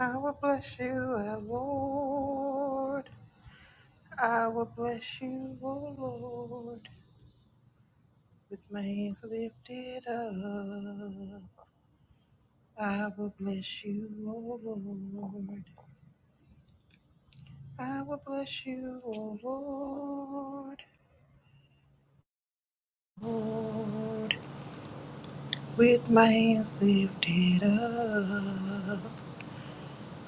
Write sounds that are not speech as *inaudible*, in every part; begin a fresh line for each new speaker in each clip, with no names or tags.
I will bless you, O Lord. I will bless you, O Lord, with my hands lifted up. I will bless you, O Lord. I will bless you, O Lord, Lord, with my hands lifted up.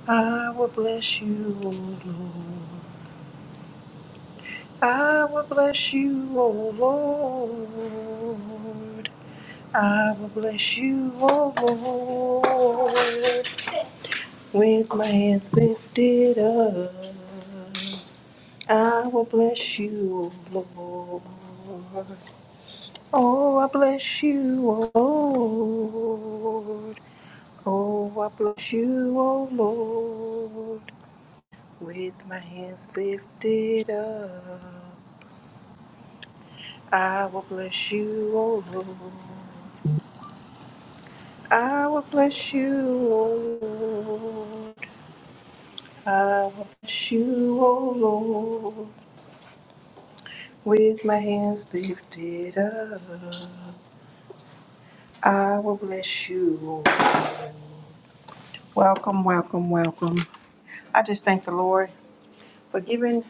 I will bless you, O Lord. I will bless you, O Lord. I will bless you, O Lord, with my hands lifted up. I will bless you, O Lord. Oh, I bless you, O Lord. Oh, I bless you, O Lord, with my hands lifted up. I will bless you, O Lord. I will bless you, O Lord. I bless you, O Lord, with my hands lifted up. I will bless you. Welcome, welcome, welcome. I just thank the Lord for giving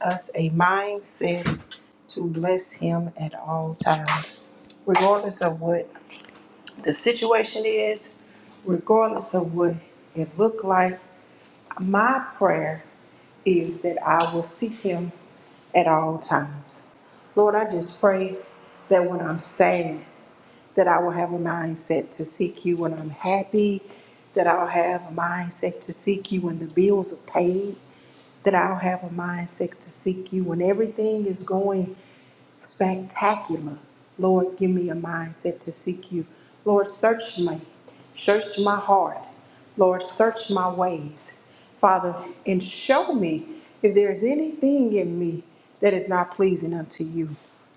us a mindset to bless Him at all times, regardless of what the situation is, regardless of what it looked like, My prayer is that I will seek him at all times. Lord, I just pray that when I'm sad, that I will have a mindset to seek you. When I'm happy, that I'll have a mindset to seek you. When the bills are paid, that I'll have a mindset to seek you. When everything is going spectacular. Lord, give me a mindset to seek you. Lord, search me. Search my heart. Lord, search my ways. Father, and show me if there is anything in me that is not pleasing unto you.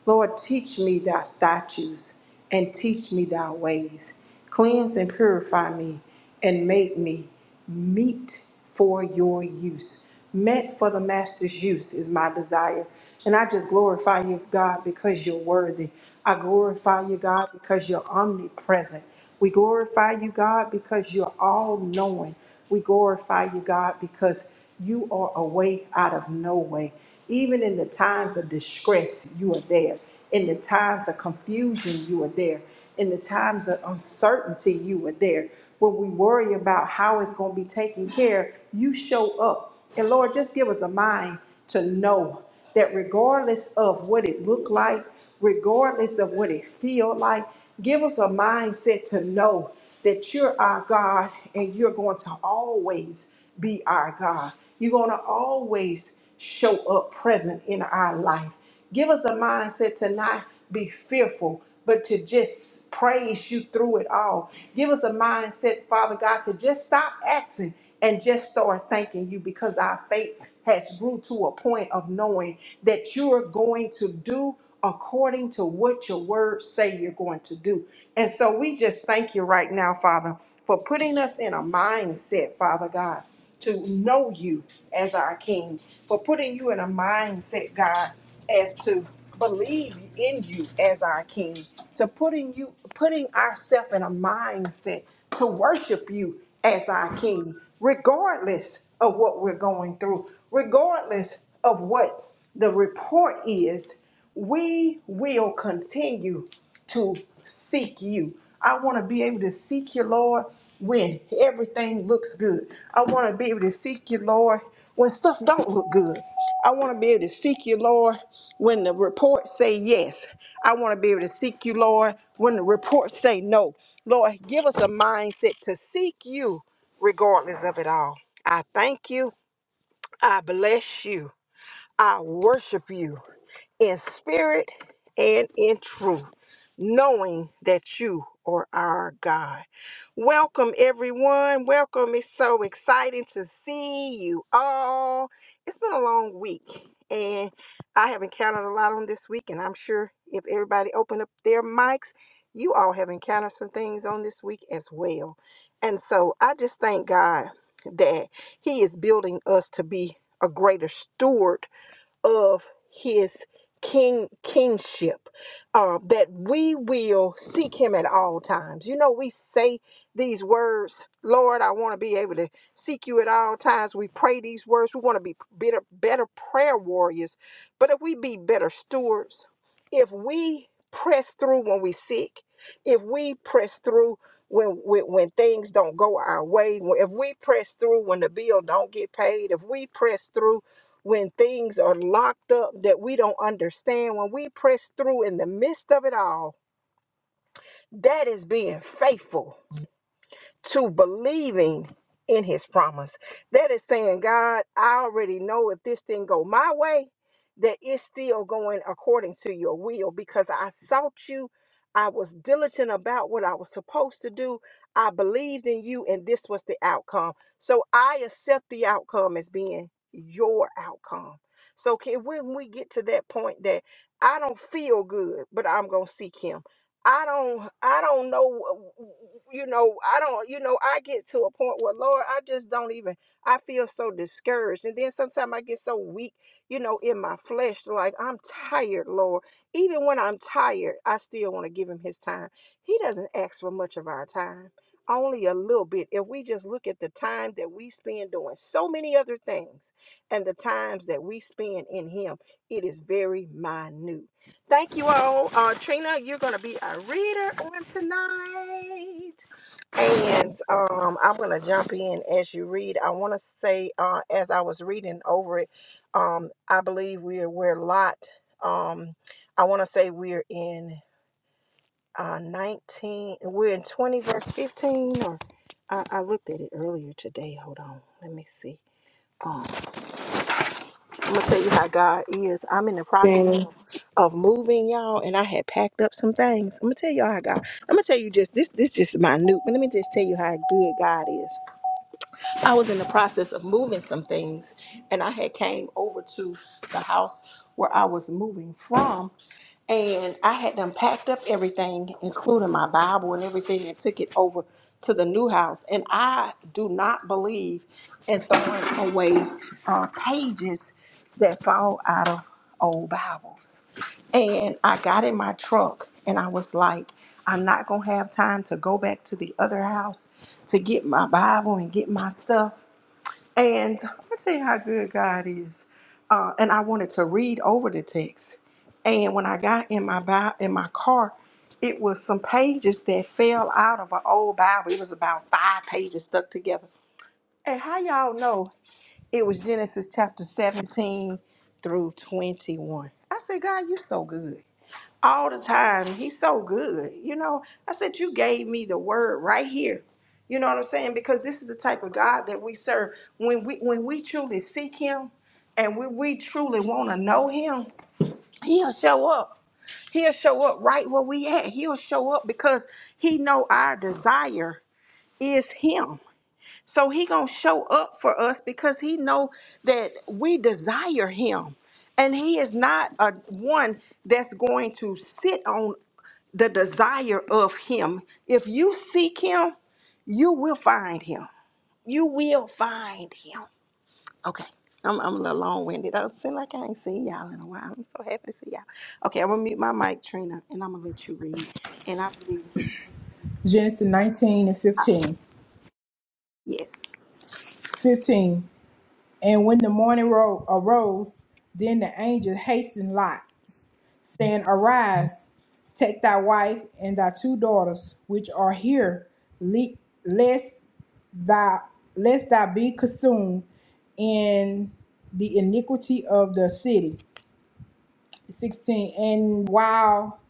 Lord, teach me thy statutes and teach me thy ways. Cleanse and purify me and made me meet for your use. Meant for the master's use is my desire. And I just glorify you, God, because you're worthy. I glorify you, God, because you're omnipresent. We glorify you, God, because you're all knowing. We glorify you, God, because you are a way out of no way. Even in the times of distress, you are there. In the times of confusion, you are there. In the times of uncertainty, you are there. When we worry about how it's going to be taken care, you show up. And Lord, just give us a mind to know that regardless of what it looked like, regardless of what it feel like, give us a mindset to know that you're our God and you're going to always be our God. You're going to always show up present in our life. Give us a mindset to not be fearful, but to just praise you through it all. Give us a mindset, Father God, to just stop asking and just start thanking you because our faith has grew to a point of knowing that you're going to do according to what your words say you're going to do. And so we just thank you right now, Father, for putting us in a mindset, Father God to know you as our King, for putting you in a mindset, God, as to believe in you as our King, to putting you putting ourselves in a mindset to worship you as our King, regardless of what we're going through, regardless of what the report is, we will continue to seek you. I want to be able to seek you, Lord, when everything looks good. I want to be able to seek you, Lord, when stuff don't look good. I want to be able to seek you, Lord, when the reports say yes. I want to be able to seek you, Lord, when the reports say no. Lord, give us a mindset to seek you regardless of it all. I thank you. I bless you. I worship you in spirit and in truth, knowing that you are our God. Welcome, everyone. Welcome. It's so exciting to see you all. It's been a long week, and I have encountered a lot on this week, and I'm sure if everybody opened up their mics, you all have encountered some things on this week as well. And so I just thank God that He is building us to be a greater steward of his king kingship uh, that we will seek him at all times you know we say these words lord i want to be able to seek you at all times we pray these words we want to be better better prayer warriors but if we be better stewards if we press through when we sick if we press through when, when when things don't go our way if we press through when the bill don't get paid if we press through when things are locked up that we don't understand, when we press through in the midst of it all, that is being faithful to believing in his promise. That is saying, God, I already know if this thing go my way, that it's still going according to your will because I sought you. I was diligent about what I was supposed to do. I believed in you, and this was the outcome. So I accept the outcome as being your outcome. So can when we get to that point that I don't feel good, but I'm gonna seek him. I don't, I don't know, you know, I don't, you know, I get to a point where, Lord, I just don't even, I feel so discouraged. And then sometimes I get so weak, you know, in my flesh, like I'm tired, Lord. Even when I'm tired, I still want to give him his time. He doesn't ask for much of our time, only a little bit. If we just look at the time that we spend doing so many other things and the times that we spend in him, it is very minute. Thank you all. Uh, Trina, you're going to be a reader on tonight. And um, I'm going to jump in as you read. I want to say, uh, as I was reading over it, um, I believe we're, we're Lot. Um, I want to say we're in uh, 19, we're in 20, verse 15. Or I, I looked at it earlier today. Hold on. Let me see. Um, I'm gonna tell you how God is. I'm in the
thing.
process of moving, y'all, and I had packed up some things. I'm gonna tell y'all how God. I'm gonna tell you just this. This just minute, but let me just tell you how good God is. I was in the process of moving some things, and I had came over to the house where I was moving from, and I had done packed up everything, including my Bible and everything, and took it over to the new house. And I do not believe in throwing away uh, pages that fall out of old Bibles. And I got in my truck, and I was like, I'm not gonna have time to go back to the other house to get my Bible and get my stuff. And I tell you how good God is. Uh, and I wanted to read over the text. And when I got in my Bible, in my car, it was some pages that fell out of an old Bible. It was about five pages stuck together. And how y'all know it was Genesis chapter 17 through 21? I said, God, you so good all the time. He's so good. You know, I said, You gave me the word right here. You know what I'm saying? Because this is the type of God that we serve. When we when we truly seek him and when we truly want to know him, he'll show up. He'll show up right where we at. He'll show up because he know our desire is him. So he gonna show up for us because he know that we desire him and he is not a one that's going to sit on the desire of him. If you seek him, you will find him. You will find him. Okay. I'm, I'm a little long winded. I seem like I ain't seen y'all in a while. I'm so happy to see y'all. Okay, I'm gonna mute my mic, Trina, and I'm gonna let you read. And I believe, in Jesus.
Genesis 19 and
I-
15.
yes.
15. And when the morning ro- arose, then the angel hastened Lot, saying, Arise, take thy wife and thy two daughters, which are here, le- lest thy lest thou be consumed in the iniquity of the city. 16. And while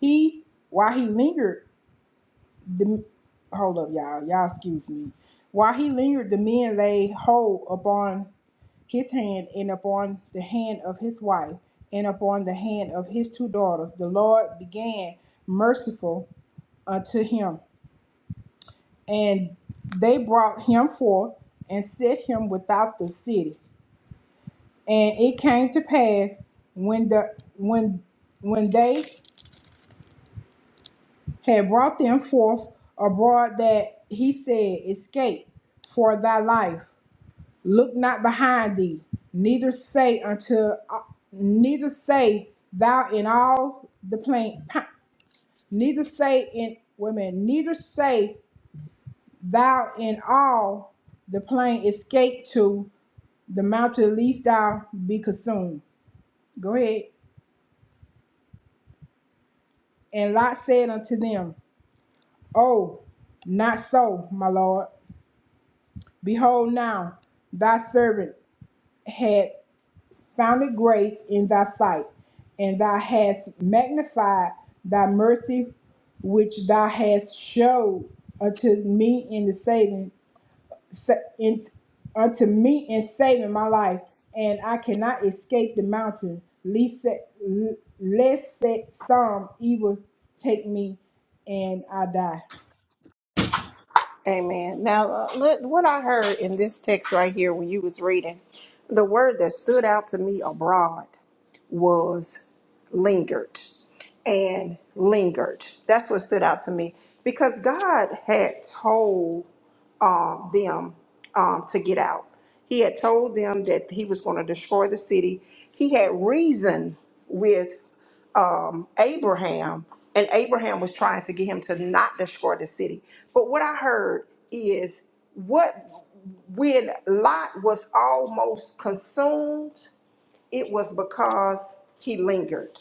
he while he lingered, the hold up y'all y'all excuse me while he lingered the men laid hold upon his hand and upon the hand of his wife and upon the hand of his two daughters the lord began merciful unto him and they brought him forth and set him without the city and it came to pass when the when when they had brought them forth abroad that he said, Escape for thy life. Look not behind thee, neither say unto uh, neither say thou in all the plain neither say in women, neither say thou in all the plain escape to the mountain lest thou be consumed. Go ahead. And Lot said unto them, Oh, not so, my lord. Behold, now thy servant had found grace in thy sight, and thou hast magnified thy mercy which thou hast showed unto me in the saving sa- in, unto me in saving my life, and I cannot escape the mountain, lest that- lest that some evil take me and I die.
Amen. Now, uh, let, what I heard in this text right here when you was reading, the word that stood out to me abroad. was lingered and lingered. That's what stood out to me because God had told um, them um, to get out. He had told them that he was going to destroy the city. He had reasoned with um, Abraham, and Abraham was trying to get him to not destroy the city. But what I heard is what when Lot was almost consumed it was because he lingered.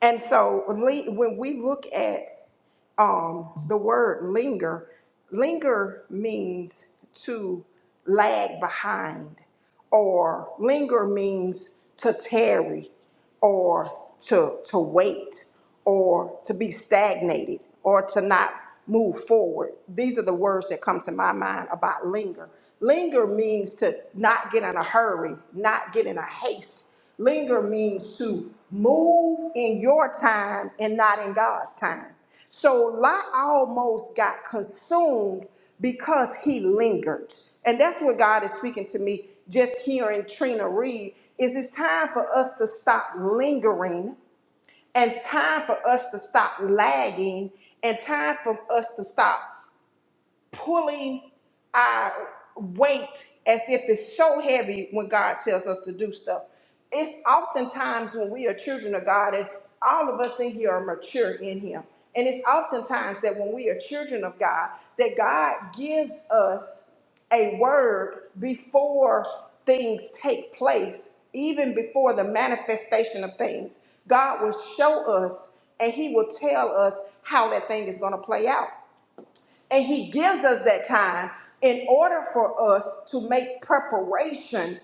And so li- when we look at um, the word linger, linger means to lag behind, or linger means to tarry, or to, to wait, or to be stagnated, or to not move forward. These are the words that come to my mind about linger. Linger means to not get in a hurry, not get in a haste, Linger means to move in your time and not in God's time. So Lot almost got consumed because he lingered. And that's what God is speaking to me just hearing Trina read is it's time for us to stop lingering and it's time for us to stop lagging and time for us to stop pulling our weight as if it's so heavy when God tells us to do stuff. It's oftentimes when we are children of God, and all of us in here are mature in Him. And it's oftentimes that when we are children of God, that God gives us a word before things take place, even before the manifestation of things. God will show us and He will tell us how that thing is going to play out. And he gives us that time in order for us to make preparation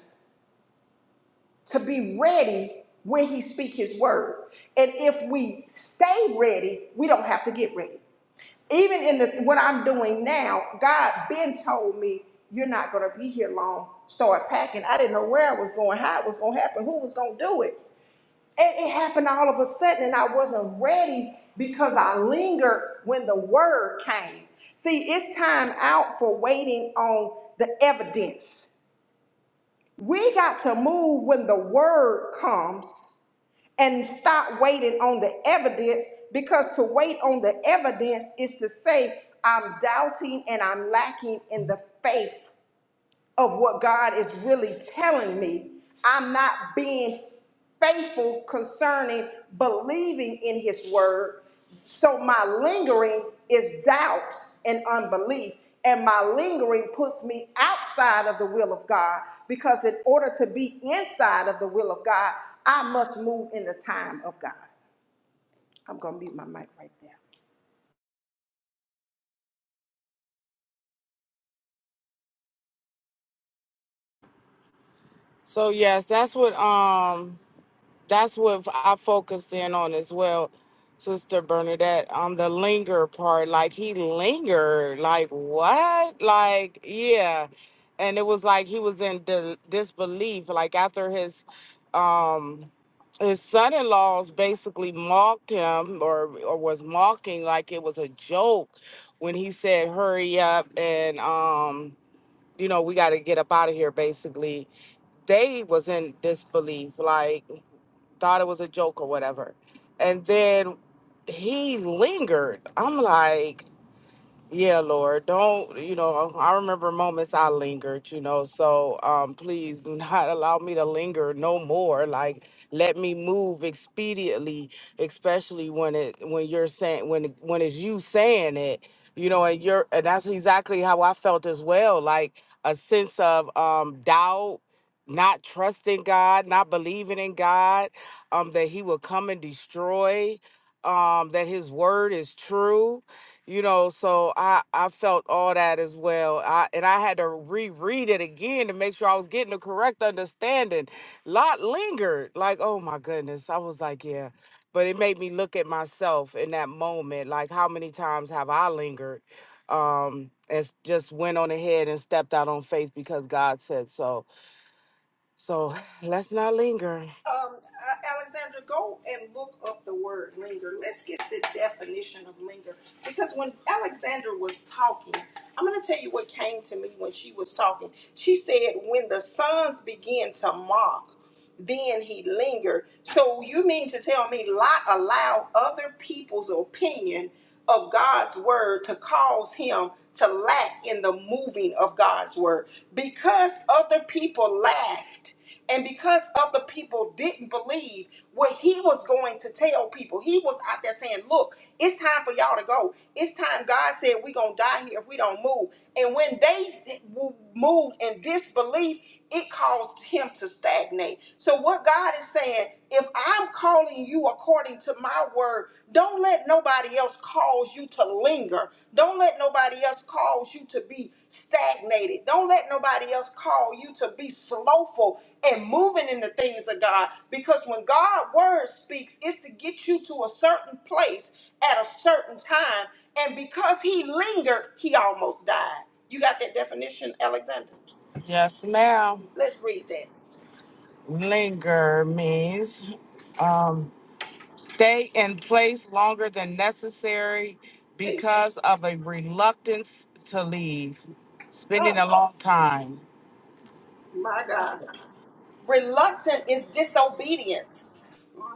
to be ready when he speaks his word. And if we stay ready, we don't have to get ready. Even in the what I'm doing now, God been told me you're not gonna be here long. Start packing. I didn't know where I was going, how it was gonna happen, who was gonna do it. And it happened all of a sudden, and I wasn't ready because I lingered when the word came. See, it's time out for waiting on the evidence. We got to move when the word comes and stop waiting on the evidence because to wait on the evidence is to say, I'm doubting and I'm lacking in the faith of what God is really telling me. I'm not being faithful concerning believing in His word. So my lingering is doubt and unbelief. And my lingering puts me outside of the will of God because, in order to be inside of the will of God, I must move in the time of God. I'm going to mute my mic right there.
So yes, that's what um that's what I focused in on as well, Sister Bernadette. Um the linger part. Like he lingered. Like what? Like, yeah. And it was like he was in di- disbelief. Like after his um his son-in-laws basically mocked him or or was mocking like it was a joke when he said hurry up and um you know we got to get up out of here basically they was in disbelief, like thought it was a joke or whatever. And then he lingered. I'm like, yeah, Lord, don't, you know, I remember moments I lingered, you know, so um, please do *laughs* not allow me to linger no more. Like, let me move expediently, especially when it, when you're saying, when, it- when it's you saying it, you know, and you're, and that's exactly how I felt as well. Like a sense of um, doubt, not trusting God, not believing in God, um, that he will come and destroy, um, that his word is true you know so i i felt all that as well i and i had to reread it again to make sure i was getting the correct understanding lot lingered like oh my goodness i was like yeah but it made me look at myself in that moment like how many times have i lingered um and s- just went on ahead and stepped out on faith because god said so so *sighs* let's not linger
Um, uh, Alexandra, go and look up the word linger. Let's get the definition of linger. Because when Alexandra was talking, I'm going to tell you what came to me when she was talking. She said, When the sons began to mock, then he lingered. So you mean to tell me Lot allowed other people's opinion of God's word to cause him to lack in the moving of God's word? Because other people laughed and because other people didn't believe what he was going to tell people, he was out there saying, Look, it's time for y'all to go. It's time God said we're going to die here if we don't move. And when they di- w- moved in disbelief, it caused him to stagnate. So, what God is saying, if I'm calling you according to my word, don't let nobody else cause you to linger. Don't let nobody else cause you to be stagnated. Don't let nobody else call you to be slowful and moving in the things of God. Because when God's word speaks, it's to get you to a certain place at a certain time. And because he lingered, he almost died. You got that definition, Alexander?
yes now
Let's that.
linger means um stay in place longer than necessary
Jesus.
because of a reluctance to leave, spending
Oh
a long time.
my God. Reluctant is disobedience.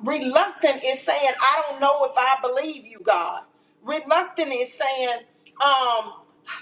Reluctant is saying, I don't know if I believe you, God. Reluctant is saying, um,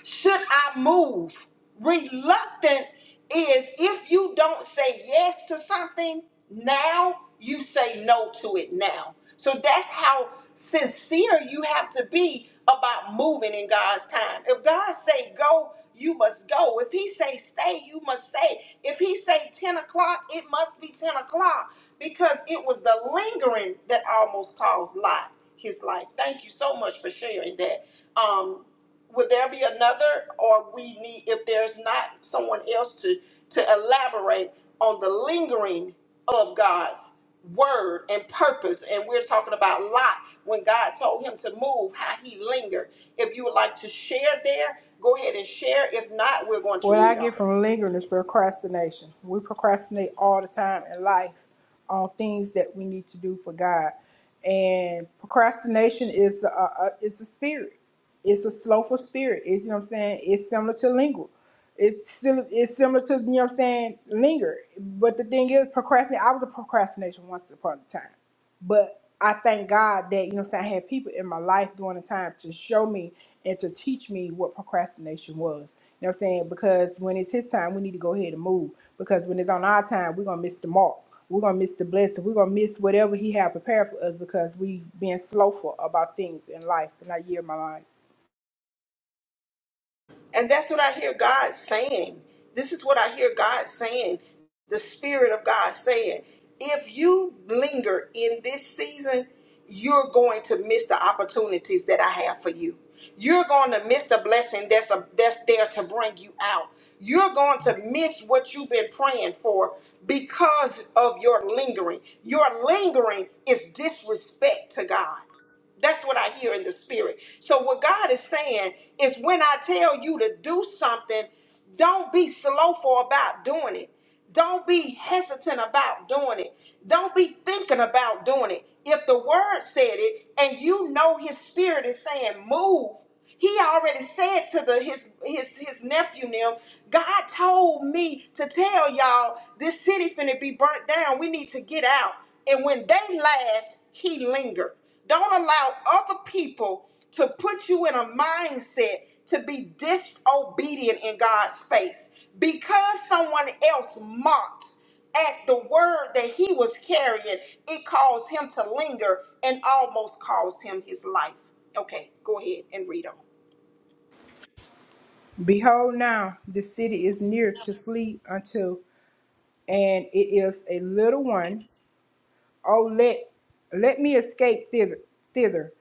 should I move? Reluctant is if you don't say yes to something now, you say no to it now. So that's how sincere you have to be about moving in God's time. If God say go, you must go. If He say stay, you must stay. If He say ten o'clock, it must be ten o'clock because it was the lingering that almost caused Lot his life. Thank you so much for sharing that. Um, would there be another or we need if there's not someone else to to elaborate on the lingering of god's word and purpose and we're talking about lot when god told him to move how he lingered if you would like to share there go ahead and share if not we're going to
What I
read on
get from lingering is procrastination. We procrastinate all the time in life on things that we need to do for God, and procrastination is a, a is a spirit. It's a slothful spirit. It's you know what I'm saying. It's similar to linger. It's still it's similar to you know what I'm saying linger. But the thing is, procrastinate. I was a procrastination once upon a time. But I thank God that, you know what I'm saying, I had people in my life during the time to show me and to teach me what procrastination was. You know what I'm saying? Because when it's his time, we need to go ahead and move. Because when it's on our time, we're gonna miss the mark. We're gonna miss the blessing. We're gonna miss whatever he had prepared for us because we being slowful about things in life. And I yield my life.
And that's what I hear God saying. This is what I hear God saying, the Spirit of God saying. If you linger in this season, you're going to miss the opportunities that I have for you. You're going to miss the blessing that's, a, that's there to bring you out. You're going to miss what you've been praying for because of your lingering. Your lingering is disrespect to God. That's what I hear in the spirit. So what God is saying is when I tell you to do something, don't be slowful about doing it. Don't be hesitant about doing it. Don't be thinking about doing it. If the word said it and you know his spirit is saying move, he already said to the his his his nephew Nim, God told me to tell y'all this city finna be burnt down. We need to get out. And when they laughed, he lingered. Don't allow other people to put you in a mindset to be disobedient in God's face. Because someone else mocked at the word that he was carrying, it caused him to linger and almost caused him his life. Okay, go ahead and read on.
Behold now, the city is near to flee unto, and it is a little one. Oh let let me escape thither. thither.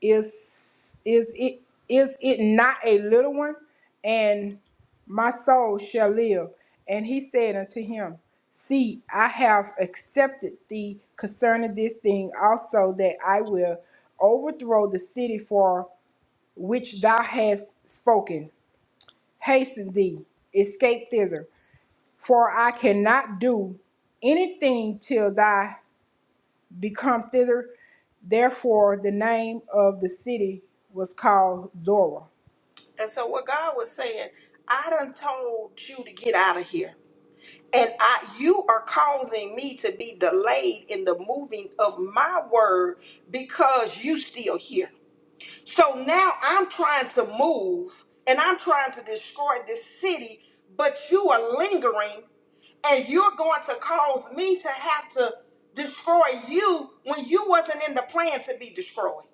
is is it is it not a little one and my soul shall live and he said unto him see i have accepted thee concerning this thing also that i will overthrow the city for which thou hast spoken hasten thee escape thither for i cannot do anything till thou become thither. Therefore, the name of the city was called Zorah.
And so what God was saying, I done told you to get out of here. And I you are causing me to be delayed in the moving of my word because you still here. So now I'm trying to move and I'm trying to destroy this city, but you are lingering and you're going to cause me to have to destroy you when you wasn't in the plan to be destroyed.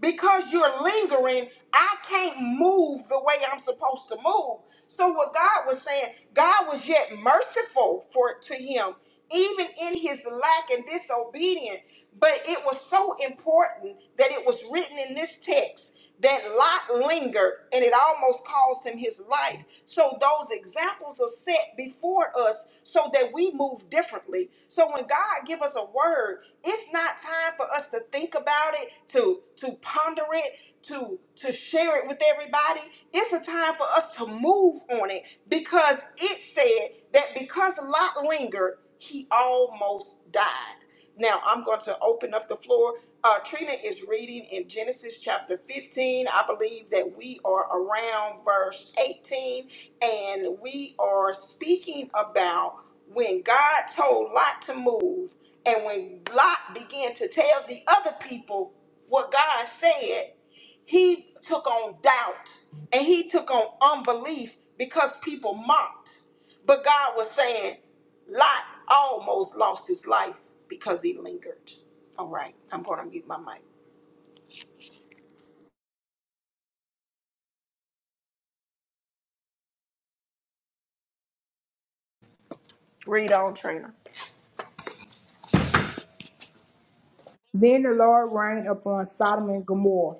Because you're lingering, I can't move the way I'm supposed to move. So what God was saying, God was yet merciful for to him, even in his lack and disobedience. But it was so important that it was written in this text that Lot lingered and it almost cost him his life. So those examples are set before us so that we move differently. So when God give us a word, it's not time for us to think about it, to to ponder it, to to share it with everybody. It's a time for us to move on it because it said that because Lot lingered, he almost died. Now I'm going to open up the floor. Uh, Trina is reading in Genesis chapter 15. I believe that we are around verse 18, and we are speaking about when God told Lot to move, and when Lot began to tell the other people what God said, he took on doubt and he took on unbelief because people mocked. But God was saying, Lot almost lost his life because he lingered. All right, I'm going to mute my mic. Read on, Trina.
Then the Lord rained upon Sodom and Gomorrah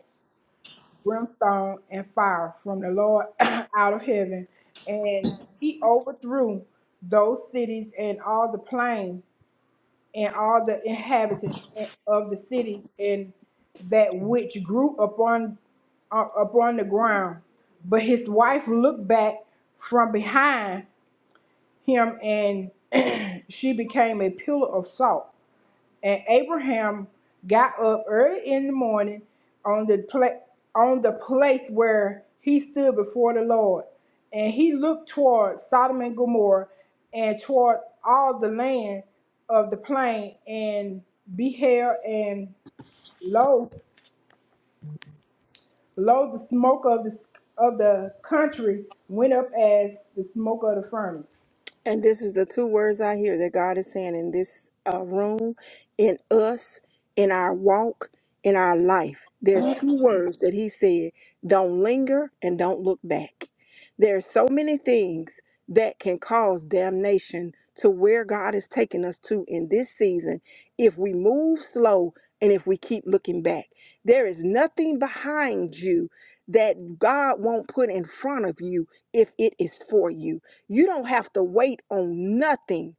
brimstone and fire from the Lord *coughs* *clears throat* out of heaven, and he overthrew those cities and all the plain and all the inhabitants of the cities and that which grew upon uh, upon the ground. But his wife looked back from behind him and *clears throat* she became a pillar of salt. And Abraham got up early in the morning on the pla- on the place where he stood before the Lord. And he looked toward Sodom and Gomorrah and toward all the land of the plain and beheld and lo lo the smoke of the of the country went up as the smoke of the furnace.
And this is the two words I hear that God is saying in this uh, room, in us, in our walk, in our life. There's
*clears throat*
two words that He said don't linger and don't look back. There are so many things that can cause damnation to where God is taking us to in this season if we move slow and if we keep looking back. There is nothing behind you that God won't put in front of you if it is for you. You don't have to wait on nothing.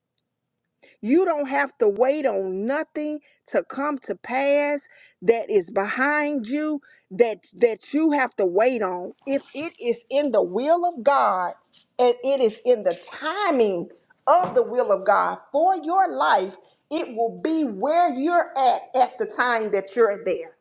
You don't have to wait on nothing to come to pass that is behind you that that you have to wait on. If it is in the will of God and it is in the timing of the will of God for your life, it will be where you're at at the time that you're there.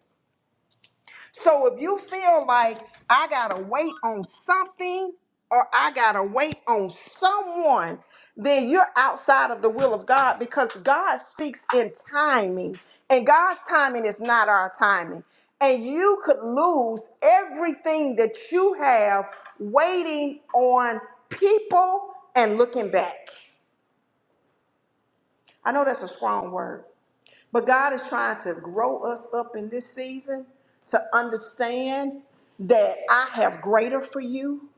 So if you feel like I gotta wait on something or I gotta wait on someone, then you're outside of the will of God because God speaks in timing, and God's timing is not our timing. And you could lose everything that you have waiting on people and looking back. I know that's a strong word, but God is trying to grow us up in this season to understand that I have greater for you.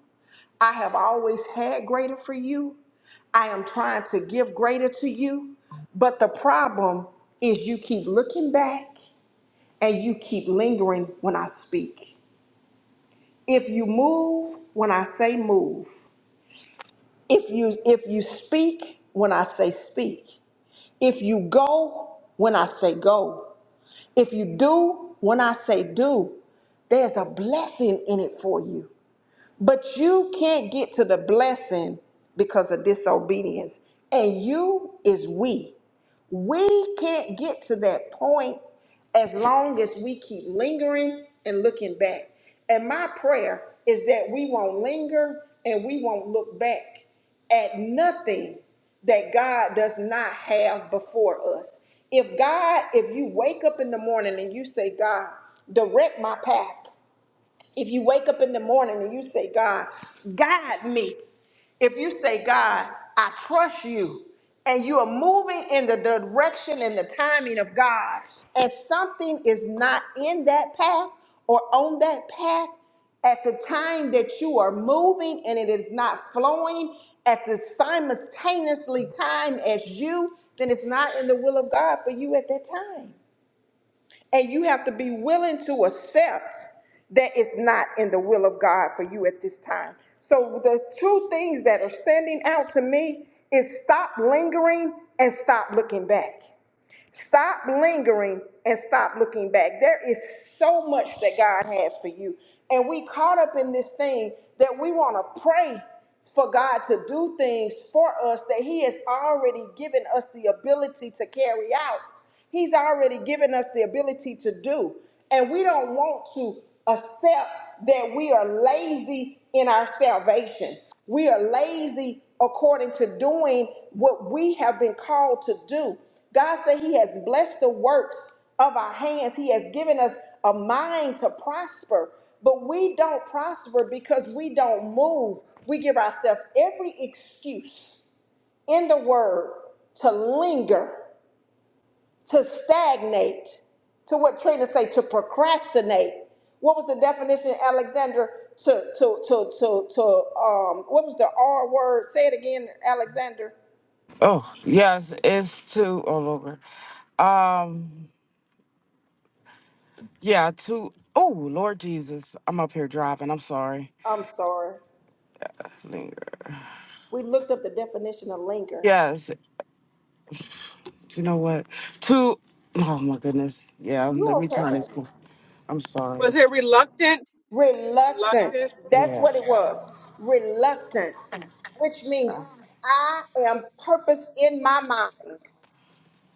I have always had greater for you. I am trying to give greater to you. But the problem is you keep looking back and you keep lingering when I speak. If you move when I say move, if you if you speak when I say speak, if you go when I say go, If you do, when I say do, there's a blessing in it for you. But you can't get to the blessing because of disobedience. And you is we. We can't get to that point as long as we keep lingering and looking back. And my prayer is that we won't linger and we won't look back at nothing that God does not have before us. If God, if you wake up in the morning and you say, God, direct my path, if you wake up in the morning and you say, God, guide me. If you say, God, I trust you, and you are moving in the direction and the timing of God, and something is not in that path or on that path at the time that you are moving and it is not flowing at the simultaneously time as you, then it's not in the will of God for you at that time. And you have to be willing to accept that it's not in the will of God for you at this time. So the two things that are standing out to me is stop lingering and stop looking back. Stop lingering and stop looking back. There is so much that God has for you. And we caught up in this thing that we want to pray for God to do things for us that He has already given us the ability to carry out. He's already given us the ability to do. And we don't want to accept that we are lazy in our salvation. We are lazy according to doing what we have been called to do. God said He has blessed the works of our hands. He has given us a mind to prosper, but we don't prosper because we don't move. We give ourselves every excuse in the word to linger, to stagnate, to what Trina say, to procrastinate. What was the definition, Alexander? To to to to to um. What was the R word? Say it again, Alexander.
Oh, yes, it's to, oh, Lord. Um, yeah, to, oh, Lord Jesus, I'm up here driving. I'm sorry.
I'm sorry.
Linger.
We looked up the definition of linger.
Yes, you know what? To, oh, my goodness. Yeah,
You
let me
okay,
turn this.
baby?
cool. I'm sorry.
Was it reluctant?
Reluctant.
Reluctant?
That's
Yeah,
what it was. Reluctant, which means I am purpose in my mind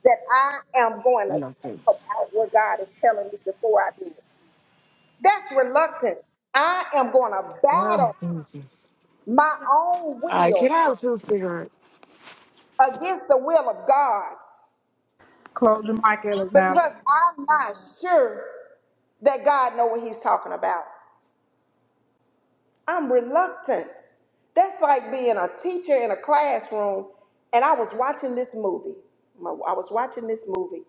that I am going to think
reluctance.
about what God is telling me before I do it. That's reluctant. I am going to
Well,
battle
Jesus.
my own
All right, can
will
I have two cigarettes?
against the will of God
Close your mic, Ellis
because I'm not sure that God know what he's talking about. I'm reluctant. That's like being a teacher in a classroom. And I was watching this movie. My- I was watching this movie,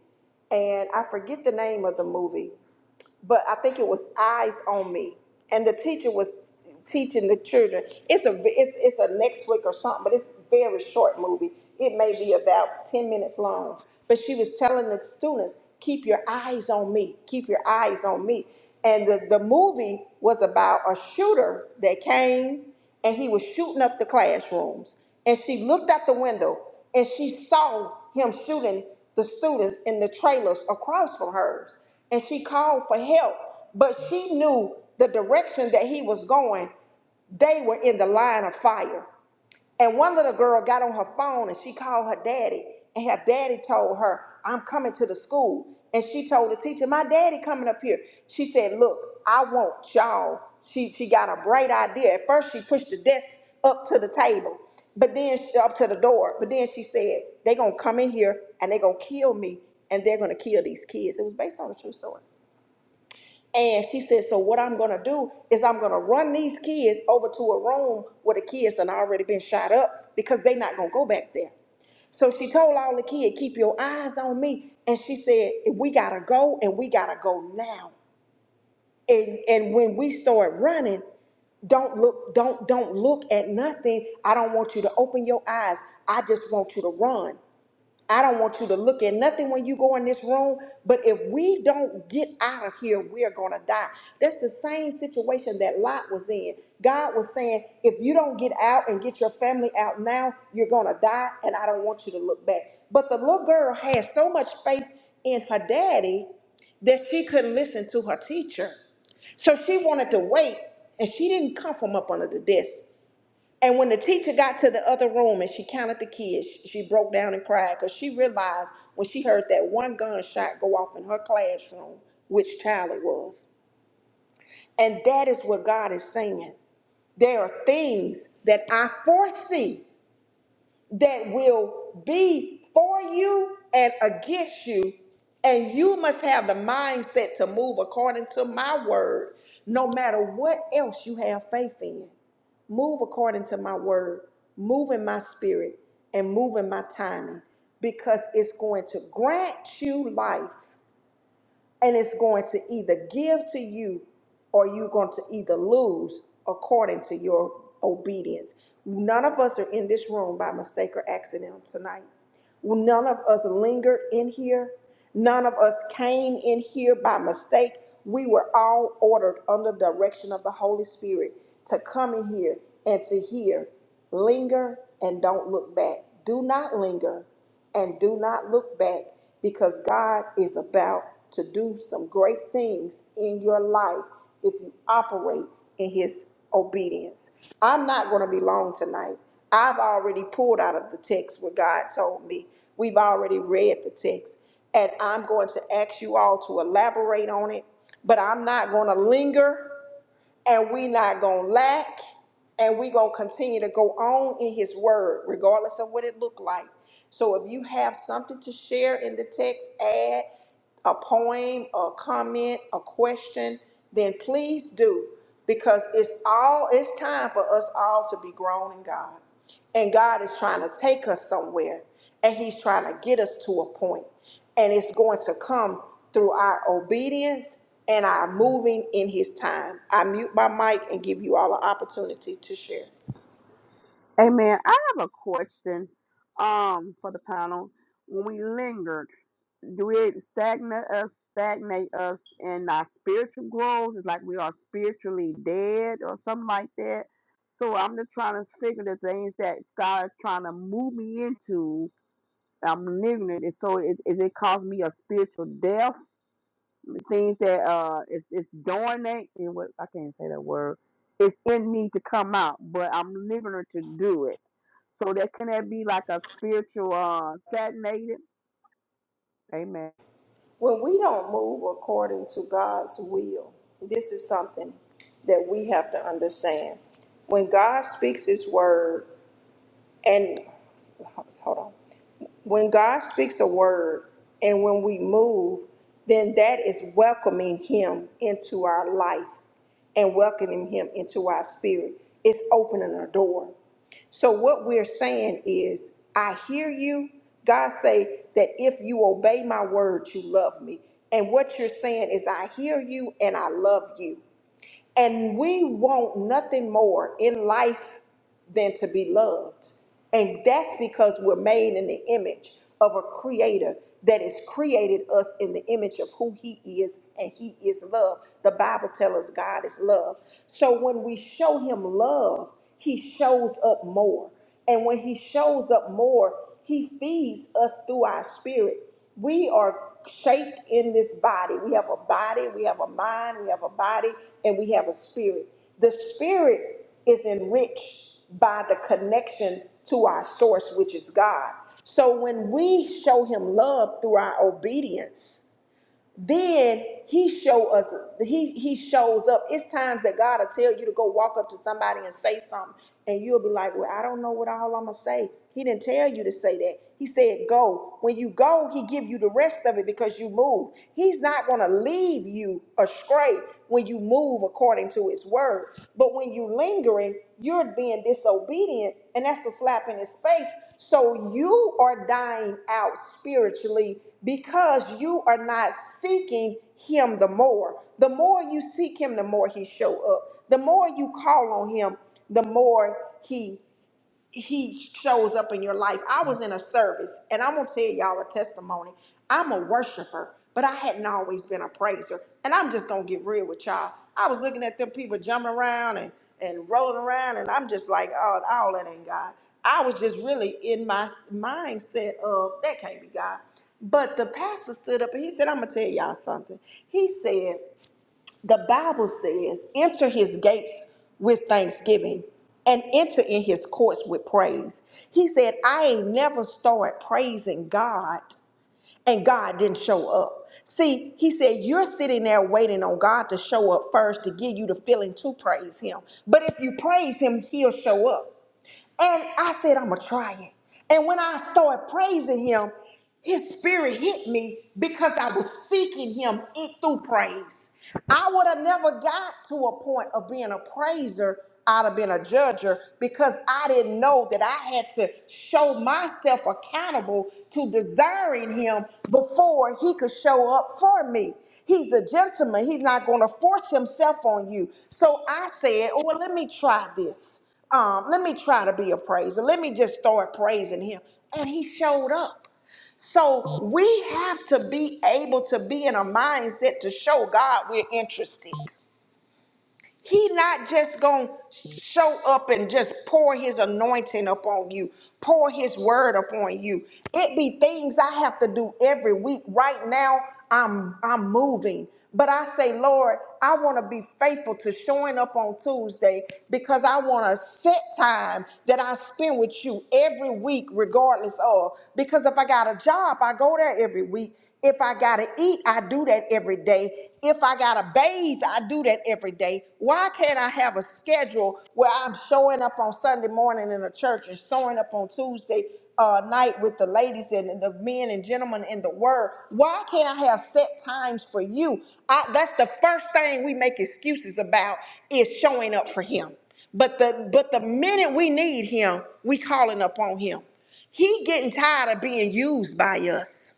and I forget the name of the movie but I think it was eyes on me, and the teacher was teaching the children. It's a it's it's a next flick or something, but it's a very short movie. It may be about ten minutes long, but she was telling the students, "Keep your eyes on me. Keep your eyes on me." And the, the movie was about a shooter that came and he was shooting up the classrooms. And she looked out the window and she saw him shooting the students in the trailers across from hers and she called for help, but she knew the direction that he was going. They were in the line of fire. And one little girl got on her phone and she called her daddy, and her daddy told her, I'm coming to the school. And she told the teacher, My daddy coming up here. She said, Look, I want y'all. She she got a bright idea. At first she pushed the desk up to the table, but then she, up to the door. But then she said, They're gonna come in here and they're gonna kill me and they're gonna kill these kids. It was based on a true story. And she said, So what I'm gonna do is I'm gonna run these kids over to a room where the kids done already been shot up because they not gonna go back there. So she told all the kids, keep your eyes on me. And she said, we gotta go and we gotta go now. And and when we start running, don't look, don't, don't look at nothing. I don't want you to open your eyes. I just want you to run. I don't want you to look at nothing when you go in this room, but if we don't get out of here, we're going to die. That's the same situation that Lot was in. God was saying, if you don't get out and get your family out now, you're going to die, and I don't want you to look back. But the little girl had so much faith in her daddy that she couldn't listen to her teacher. So she wanted to wait, and she didn't come from up under the desk. And when the teacher got to the other room and she counted the kids, she broke down and cried because she realized when she heard that one gunshot go off in her classroom, which child it was. And that is what God is saying. There are things that I foresee that will be for you and against you. And you must have the mindset to move according to my word, no matter what else you have faith in. Move according to my word, move in my spirit, and move in my timing because it's going to grant you life and it's going to either give to you or you're going to either lose according to your obedience. None of us are in this room by mistake or accident tonight. None of us lingered in here. None of us came in here by mistake. We were all ordered under direction of the Holy Spirit to come in here and to hear. Linger and don't look back. Do not linger and do not look back because God is about to do some great things in your life if you operate in His obedience. I'm not going to be long tonight. I've already pulled out of the text what God told me. We've already read the text, and I'm going to ask you all to elaborate on it, but I'm not going to linger and we not gonna lack and we gonna continue to go on in his word regardless of what it looked like so if you have something to share in the text add a poem a comment a question then please do because it's all it's time for us all to be grown in god and god is trying to take us somewhere and he's trying to get us to a point and it's going to come through our obedience and our moving in his time. I mute my mic and give you all an opportunity to share.
Amen. I have a question um for the panel. When we lingered, do it stagnate us stagnate us in our spiritual growth? It's like we are spiritually dead or something like that. So I'm just trying to figure the things that God is trying to move me into. I'm living it. So it, is it caused me a spiritual death? Things that uh it's it's dormant and what I can't say that word. It's in me to come out, but I'm living it to do it. So that can that be like a spiritual uh, stagnated? Amen.
When we don't move according to God's will, this is something that we have to understand. When God speaks his word, and hold on, when God speaks a word and when we move, then that is welcoming Him into our life and welcoming Him into our spirit. It's opening a door. So what we're saying is, I hear you. God say that if you obey my word, you love me. And what you're saying is, I hear you and I love you. And we want nothing more in life than to be loved. And that's because we're made in the image of a creator that has created us in the image of who he is, and he is love. The Bible tells us God is love. So when we show him love, he shows up more. And when he shows up more, he feeds us through our spirit we are shaped in this body. We have a body, we have a mind, we have a body, and we have a spirit. The spirit is enriched by the connection to our source, which is God. So when we show him love through our obedience, then he show us he he shows up it's times that god will tell you to go walk up to somebody and say something and you'll be like well i don't know what all i'm gonna say he didn't tell you to say that he said go when you go he give you the rest of it because you move he's not gonna leave you astray when you move according to his word but when you lingering you're being disobedient and that's the slap in his face so you are dying out spiritually because you are not seeking him the more. The more you seek him, the more he show up. The more you call on him, the more he he shows up in your life. I was in a service, and I'm gonna tell y'all a testimony. I'm a worshiper, but I hadn't always been a praiser. And I'm just gonna get real with y'all. I was looking at them people jumping around and, and rolling around, and I'm just like, oh, all that ain't God. I was just really in my mindset of that can't be God. But the pastor stood up and he said, I'm gonna tell y'all something. He said, the Bible says, enter his gates with thanksgiving and enter in his courts with praise. He said, I ain't never started praising God and God didn't show up. See, he said, you're sitting there waiting on God to show up first to give you the feeling to praise him. But if you praise him, he'll show up. And I said, I'm going to try it. And when I started praising him, his spirit hit me because I was seeking him in, through praise. I would have never got to a point of being a praiser. I'd have been a judger because I didn't know that I had to show myself accountable to desiring him before he could show up for me. He's a gentleman. He's not going to force himself on you. So I said, oh, well, let me try this. Um, let me try to be a praiser. Let me just start praising him. And he showed up. So we have to be able to be in a mindset to show God we're interested. He not just gonna show up and just pour his anointing upon you, pour his word upon you. It be things I have to do every week. Right now, I'm I'm moving. But I say, Lord, I want to be faithful to showing up on Tuesday because I want a set time that I spend with you every week, regardless of. Because if I got a job, I go there every week. If I gotta eat, I do that every day. If I gotta bathe, I do that every day. Why can't I have a schedule where I'm showing up on Sunday morning in a church and showing up on Tuesday uh, night with the ladies and the men and gentlemen in the word? Why can't I have set times for you? I, that's the first thing we make excuses about is showing up for Him. But the but the minute we need Him, we calling up on Him. He getting tired of being used by us.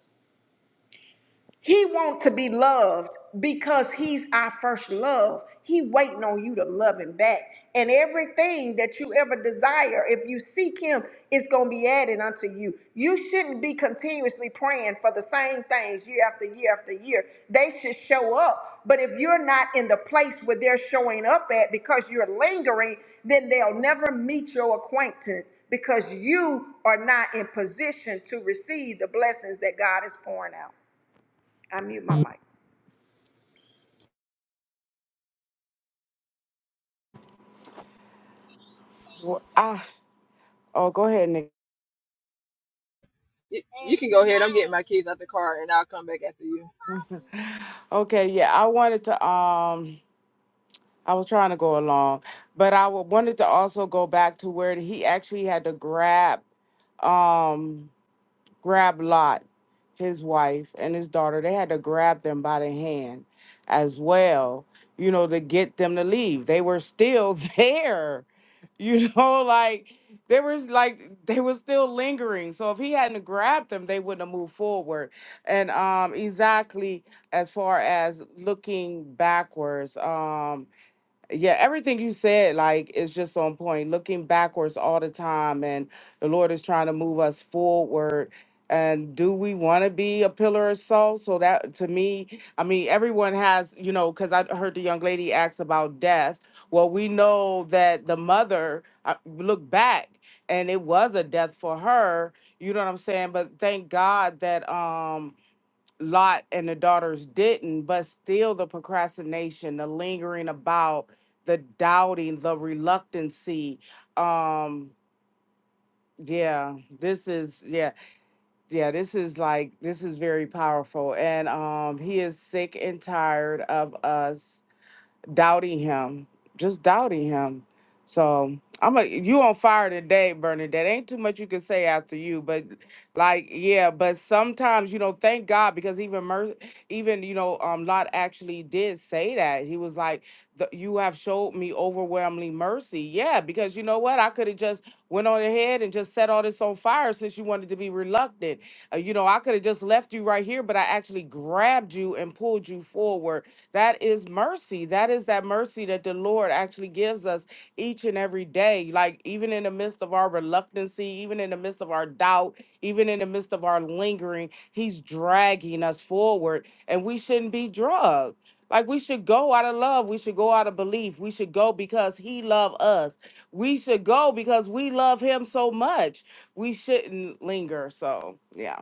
He wants to be loved because he's our first love. He waiting on you to love him back. And everything that you ever desire, if you seek him, it's going to be added unto you. You shouldn't be continuously praying for the same things year after year after year. They should show up. But if you're not in the place where they're showing up at because you're lingering, then they'll never meet your acquaintance because you are not in position to receive the blessings that God is pouring out. I mute my mic.
Well, I, Oh, go ahead, Nick.
You, you can go ahead. I'm getting my kids out the car, and I'll come back after you.
Okay, yeah, I wanted to um I was trying to go along, but I wa- wanted to also go back to where he actually had to grab um grab Lot, his wife, and his daughter. They had to grab them by the hand as well, you know, to get them to leave. They were still *laughs* there, you know, like they were like they were still lingering. So if he hadn't grabbed them, they wouldn't have moved forward. And um exactly as far as looking backwards. Um yeah, everything you said, like, is just on point. Looking backwards all the time, and the Lord is trying to move us forward. And do we want to be a pillar of salt? So that, to me, I mean, everyone has, you know, because I heard the young lady ask about death. Well, we know that the mother uh, look back, and it was a death for her. You know what I'm saying? But thank God that, um, Lot and the daughters didn't, but still the procrastination, the lingering about, the doubting, the reluctancy. Um, yeah, this is yeah, yeah, this is like this is very powerful. And um he is sick and tired of us doubting him, just doubting him. So I'm a you on fire today, Bernadette. Ain't too much you can say after you, but like yeah, but sometimes you know, thank God because even Mer- even you know, um, Lot actually did say that he was like, "The- "You have showed me overwhelming mercy." Yeah, because you know what, I could have just went on ahead and just set all this on fire since you wanted to be reluctant. Uh, you know, I could have just left you right here, but I actually grabbed you and pulled you forward that is mercy. That is that mercy that the Lord actually gives us each and every day. Like, even in the midst of our reluctancy, even in the midst of our doubt, even in the midst of our lingering, He's dragging us forward, and we shouldn't be drugged. Like we should go out of love. We should go out of belief. We should go because he loved us. We should go because we love him so much. We shouldn't linger. So yeah.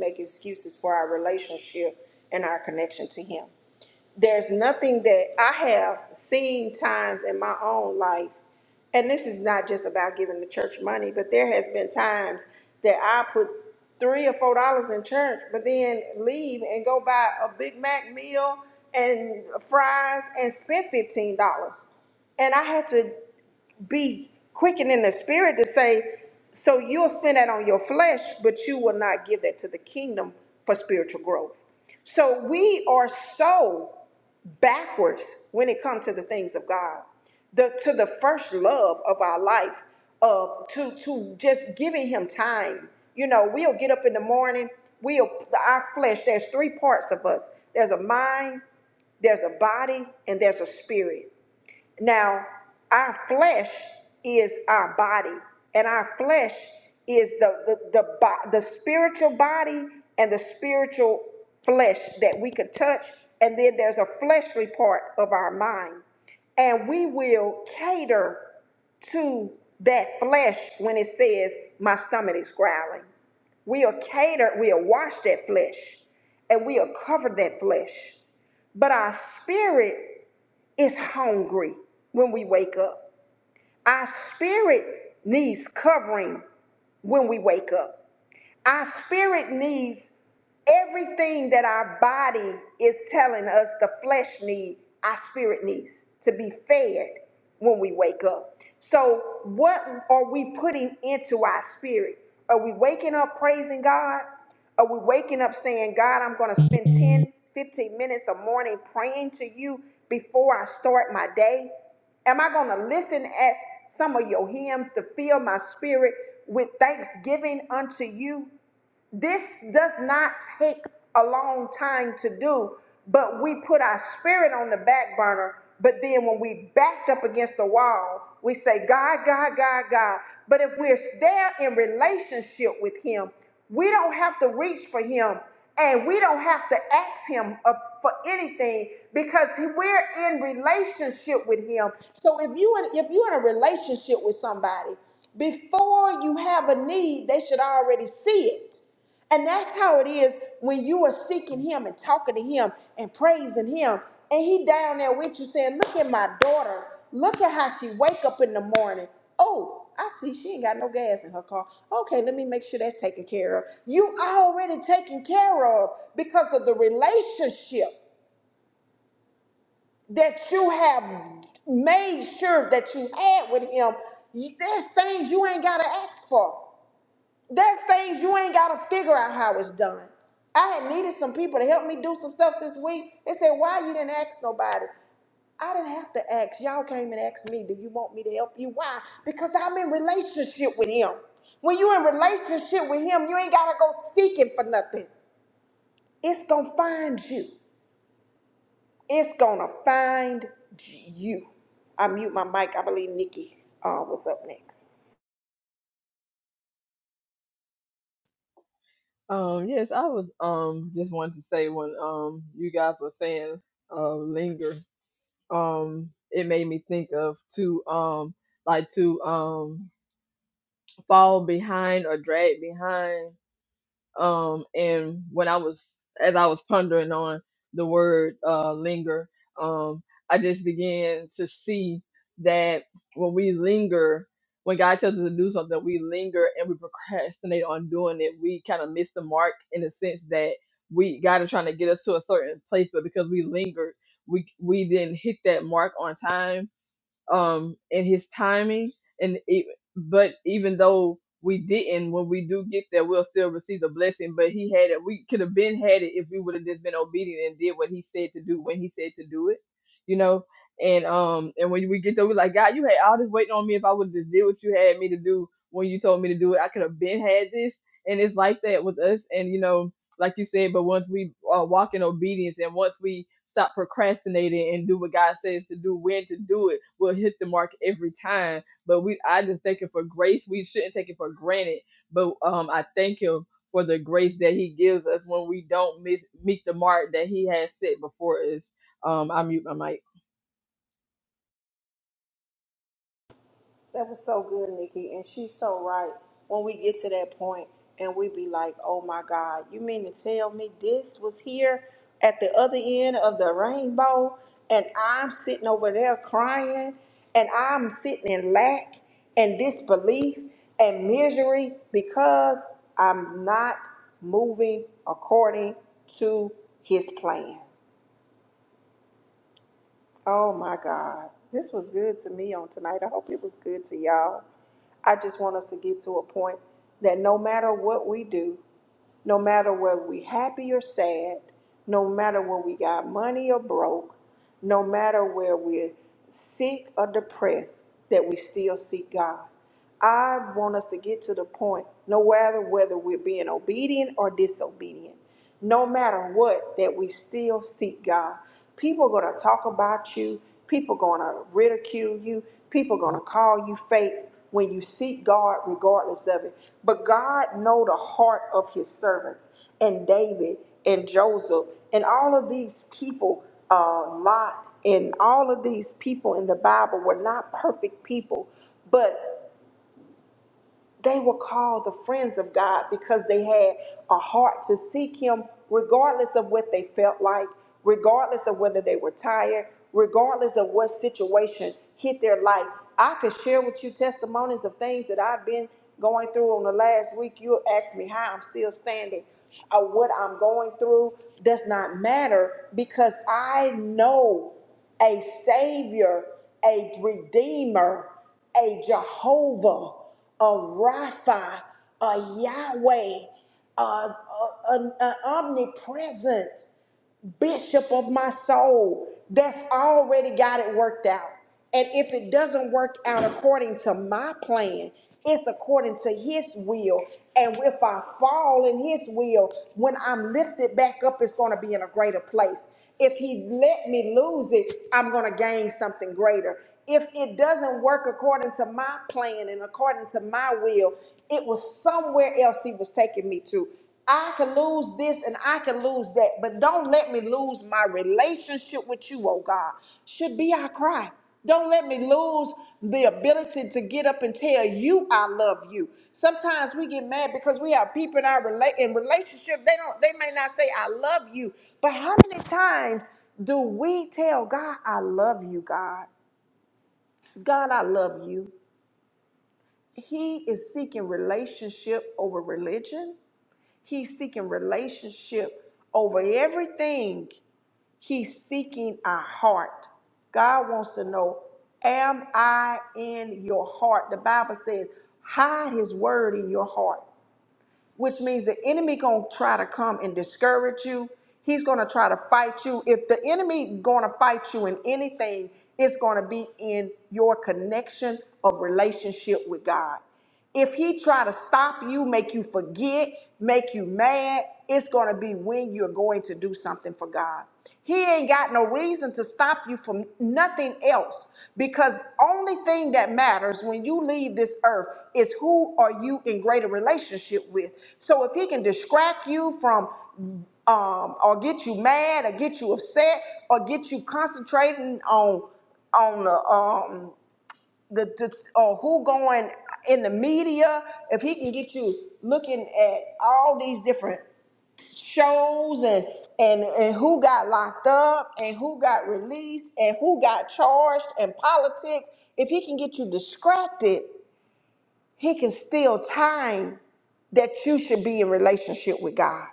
Make excuses for our relationship and our connection to Him. There's nothing that I have seen times in my own life, and this is not just about giving the church money, but there has been times that I put three or four dollars in church, but then leave and go buy a Big Mac meal and fries and spend fifteen dollars. And I had to be quickened in the spirit to say, so you'll spend that on your flesh, but you will not give that to the kingdom for spiritual growth. So we are so backwards when it comes to the things of God, the to the first love of our life, of to to just giving Him time. You know, we'll get up in the morning. We'll our flesh. There's three parts of us. There's a mind, there's a body, and there's a spirit now, our flesh is our body, and our flesh is the the the, the spiritual body and the spiritual flesh that we could touch, and then there's a fleshly part of our mind, and we will cater to that flesh when it says my stomach is growling. We'll cater, we'll wash that flesh, and we'll cover that flesh. But our spirit is hungry when we wake up. Our spirit needs covering when we wake up. Our spirit needs Everything that our body is telling us the flesh needs our spirit needs to be fed when we wake up. So, what are we putting into our spirit? Are we waking up praising God? Are we waking up saying, God, I'm going to spend 10, 15 minutes a morning praying to you before I start my day? Am I going to listen as some of your hymns to fill my spirit with thanksgiving unto you? This does not take a long time to do, but we put our spirit on the back burner. But then when we backed up against the wall, we say, God, God, God, God. But if we're there in relationship with Him, we don't have to reach for Him and we don't have to ask Him uh, for anything because we're in relationship with Him. So if, you in, if you're in a relationship with somebody, before you have a need, they should already see it. And that's how it is when you are seeking him and talking to him and praising him. And he down there with you saying, look at my daughter. Look at how she wake up in the morning. Oh, I see she ain't got no gas in her car. Okay, let me make sure that's taken care of. You already taken care of because of the relationship that you have made sure that you had with him. You- There's things you ain't got to ask for. There's things you ain't gotta figure out how it's done. I had needed some people to help me do some stuff this week. They said, "Why you didn't ask nobody?" I didn't have to ask. Y'all came and asked me, "Do you want me to help you?" Why? Because I'm in relationship with Him. When you in relationship with Him, you ain't gotta go seeking for nothing. It's gonna find you. It's gonna find you. I mute my mic. I believe Nikki uh, was up next.
Um, yes, I was um just wanted to say when um you guys were saying uh linger, um, it made me think of to um like to um fall behind or drag behind um and when i was as i was pondering on the word uh linger um i just began to see that when we linger when god tells us to do something we linger and we procrastinate on doing it we kind of miss the mark in the sense that we god is trying to get us to a certain place but because we lingered we we didn't hit that mark on time um and his timing and e but even though we didn't when we do get there we'll still receive the blessing but he had it we could have been had it if we would have just been obedient and did what he said to do when he said to do it you know and um and when we get there we're like god you had all this waiting on me if i would have just did what you had me to do when you told me to do it i could have been had this and it's like that with us and you know like you said, but once we uh, walk in obedience and once we stop procrastinating and do what God says to do, when to do it, we'll hit the mark every time. But we, I just thank Him for grace. We shouldn't take it for granted, but um, I thank Him for the grace that He gives us when we don't miss, meet the mark that He has set before us. Um, I mute my mic.
God, you mean to tell me this was here at the other end of the rainbow and I'm sitting over there crying and I'm sitting in lack and disbelief and misery because I'm not moving according to his plan. Oh my God. This was good to me on tonight. I hope it was good to y'all. I just want us to get to a point that no matter what we do, no matter whether we happy or sad, no matter where we got money or broke, no matter where we're sick or depressed, that we still seek God. I want us to get to the point, no matter whether we're being obedient or disobedient, no matter what, that we still seek God. People are going to talk about you. People are going to ridicule you. People are going to call you fake when you seek God, regardless of it. But God know the heart of His servants, and David and Joseph and all of these people, uh, Lot and all of these people in the Bible were not perfect people, but they were called the friends of God because they had a heart to seek Him regardless of what they felt like, regardless of whether they were tired, regardless of what situation hit their life. I could share with you testimonies of things that I've been going through on the last week. You ask me how I'm still standing. Uh, what I'm going through does not matter because I know a Savior, a Redeemer, a Jehovah a Rapha, a Yahweh, a, a- an an omnipresent bishop of my soul that's already got it worked out. And if it doesn't work out according to my plan, it's according to his will. And if I fall in his will, when I'm lifted back up, it's going to be in a greater place. If he let me lose it, I'm going to gain something greater. If it doesn't work according to my plan and according to my will, it was somewhere else he was taking me to. I can lose this and I can lose that, but don't let me lose my relationship with you, oh God. Should be our cry. Don't let me lose the ability to get up and tell you I love you. Sometimes we get mad because we have people in our rela- in relationship. They don't. They may not say I love you, but how many times do we tell God I love you, God? God, I love you. He is seeking relationship over religion. He's seeking relationship over everything. He's seeking our heart. God wants to know, am I in your heart? The Bible says, hide his word in your heart which means the enemy gonna try to come and discourage you. He's gonna try to fight you. If the enemy gonna fight you in anything, it's gonna be in your connection of relationship with God. If he try to stop you, make you forget, make you mad, it's gonna be when you're going to do something for God. He ain't got no reason to stop you from nothing else because only thing that matters when you leave this earth is who are you in greater relationship with. So if he can distract you from um or get you mad or get you upset or get you concentrating on on the um the, the or who going in the media if he can get you looking at all these different shows and, and and who got locked up and who got released and who got charged and politics if he can get you distracted he can steal time that you should be in relationship with god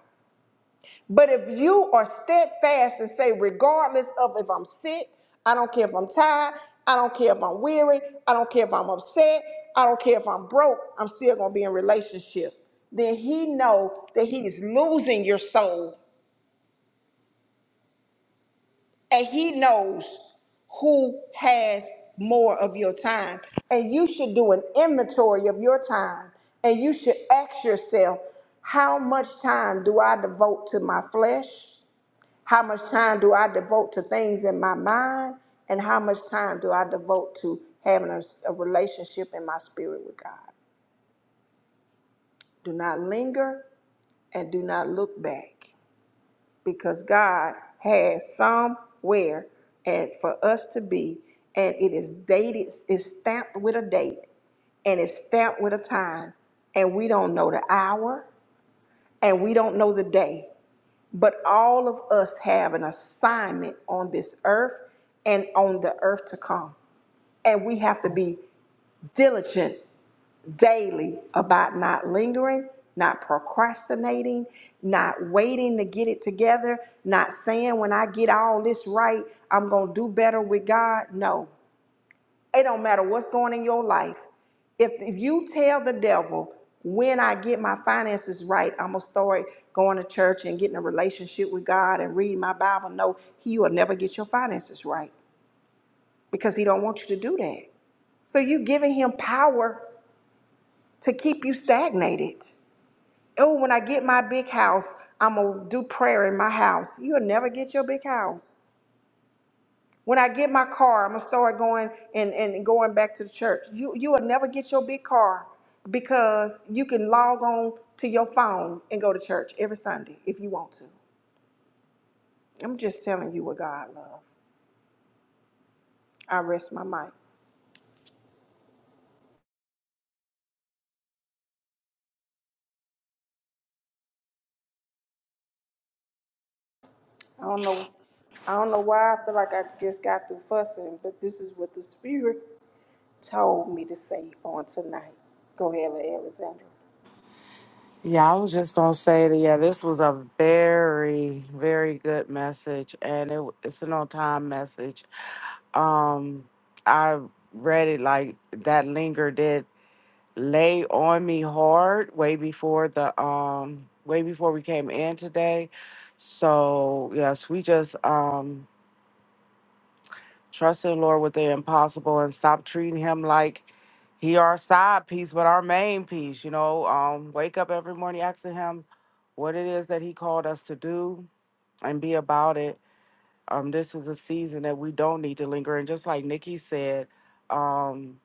but if you are steadfast and say regardless of if i'm sick i don't care if i'm tired i don't care if i'm weary i don't care if i'm upset i don't care if i'm broke i'm still going to be in relationship then he know that he is losing your soul and he knows who has more of your time. And you should do an inventory of your time and you should ask yourself, how much time do I devote to my flesh? How much time do I devote to things in my mind? And how much time do I devote to having a, a relationship in my spirit with God? Do not linger and do not look back because God has somewhere and for us to be, and it is dated, it's stamped with a date, and it's stamped with a time, and we don't know the hour, and we don't know the day, but all of us have an assignment on this earth and on the earth to come, and we have to be diligent daily about not lingering, not procrastinating, not waiting to get it together, not saying when I get all this right, I'm going to do better with God. No. It don't matter what's going in your life. If, if you tell the devil, when I get my finances right, I'm going to start going to church and getting a relationship with God and reading my Bible. No, he will never get your finances right because he don't want you to do that. So you giving him power to keep you stagnated. oh, when I get my big house, I'm going to do prayer in my house. You'll never get your big house. When I get my car, I'm going to start going and, and going back to the church. You, you will never get your big car because you can log on to your phone and go to church every Sunday if you want to. I'm just telling you what God loves. I rest my mic. I don't know. I don't know why I feel like I just got through fussing, but this is what the Spirit told me to say on tonight. Go ahead, Alexandra.
Yeah, I was just gonna say that. Yeah, this was a very, very good message, and it, it's an on-time message. Um, I read it like that. Linger did lay on me hard way before the um way before we came in today. So yes, we just um Trust in the Lord with the impossible and stop treating him like he our side piece, but our main piece, you know. Um, wake up every morning asking him what it is that he called us to do and be about it. Um, this is a season that we don't need to linger. And just like Nikki said, um,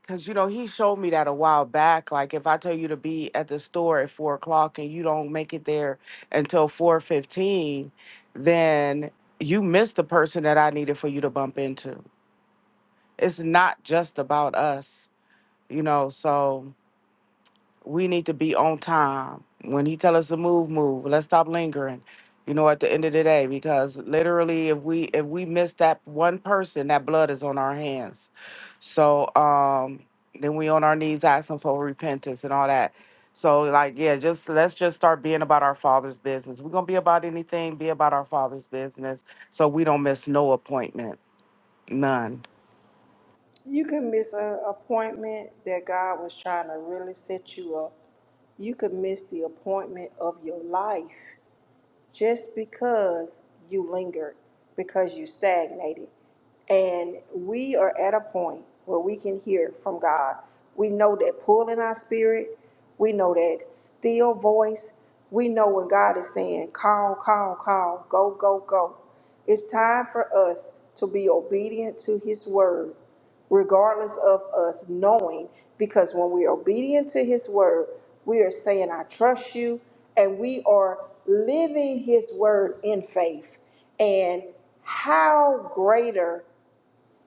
because you know, he showed me that a while back. Like if I tell you to be at the store at four o'clock and you don't make it there until four fifteen, then you missed the person that I needed for you to bump into it's not just about us, you know. So we need to be on time. When he tell us to move, move. Let's stop lingering. You know, at the end of the day, because literally, if we if we miss that one person, that blood is on our hands. So um, then we on our knees asking for repentance and all that. So like, yeah, just let's just start being about our Father's business. We're gonna be about anything, be about our Father's business, so we don't miss no appointment, none.
You could miss an appointment that God was trying to really set you up. You could miss the appointment of your life just because you lingered, because you stagnated. And we are at a point where we can hear from God. We know that pull in our spirit, we know that still voice. We know when God is saying, call, call, call, go, go, go. It's time for us to be obedient to His word regardless of us knowing, because when we are obedient to His word, we are saying, I trust you, and we are living His word in faith. And how greater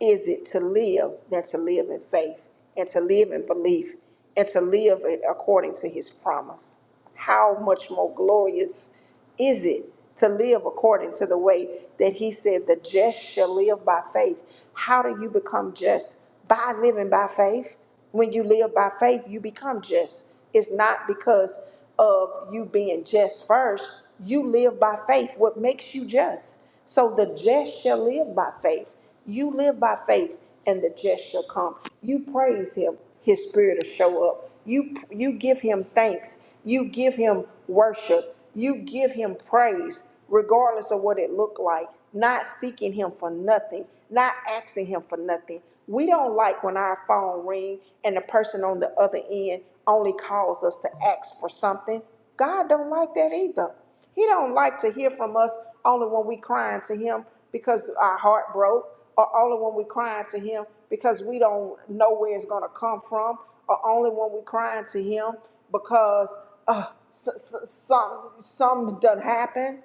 is it to live than to live in faith and to live in belief and to live it according to his promise? How much more glorious is it to live according to the way that he said the just shall live by faith? How do you become just? By living by faith? When you live by faith, you become just. It's not because of you being just first. You live by faith, what makes you just. So the just shall live by faith. You live by faith, and the just shall come. You praise him, his spirit will show up. You you give him thanks. You give him worship you give him praise regardless of what it looked like, not seeking him for nothing, not asking him for nothing. We don't like when our phone ring and the person on the other end only calls us to ask for something. God don't like that either. He don't like to hear from us only when we crying to him because our heart broke, or only when we crying to him because we don't know where it's gonna come from, or only when we crying to him because uh, s- s- some some done happened.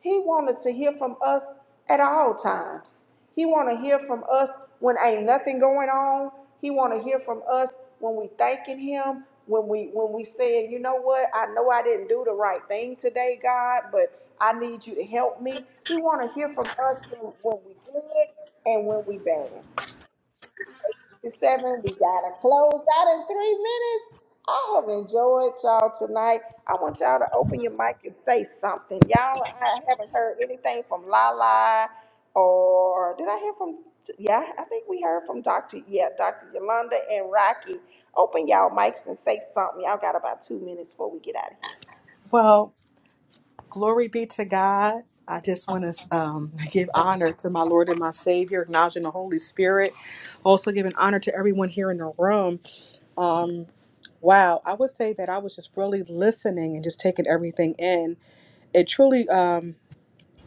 He wanted to hear from us at all times. He want to hear from us when ain't nothing going on. He want to hear from us when we thanking him, when we when we saying, you know what, I know I didn't do the right thing today, God, but I need you to help me. He want to hear from us when, when we good and when we bad. It's 857. We got to close out in three minutes. I have enjoyed y'all tonight. I want y'all to open your mic and say something. Y'all, I haven't heard anything from Lala or did I hear from, yeah, I think we heard from Dr. Yeah, Dr. Yolanda and Rocky. Open y'all mics and say something. Y'all got about two minutes before we get out of here.
Well, glory be to God. I just want to um, *laughs* give honor to my Lord and my Savior, acknowledging the Holy Spirit. Also, giving honor to everyone here in the room. Um, wow, I would say that I was just really listening and just taking everything in. It truly, um,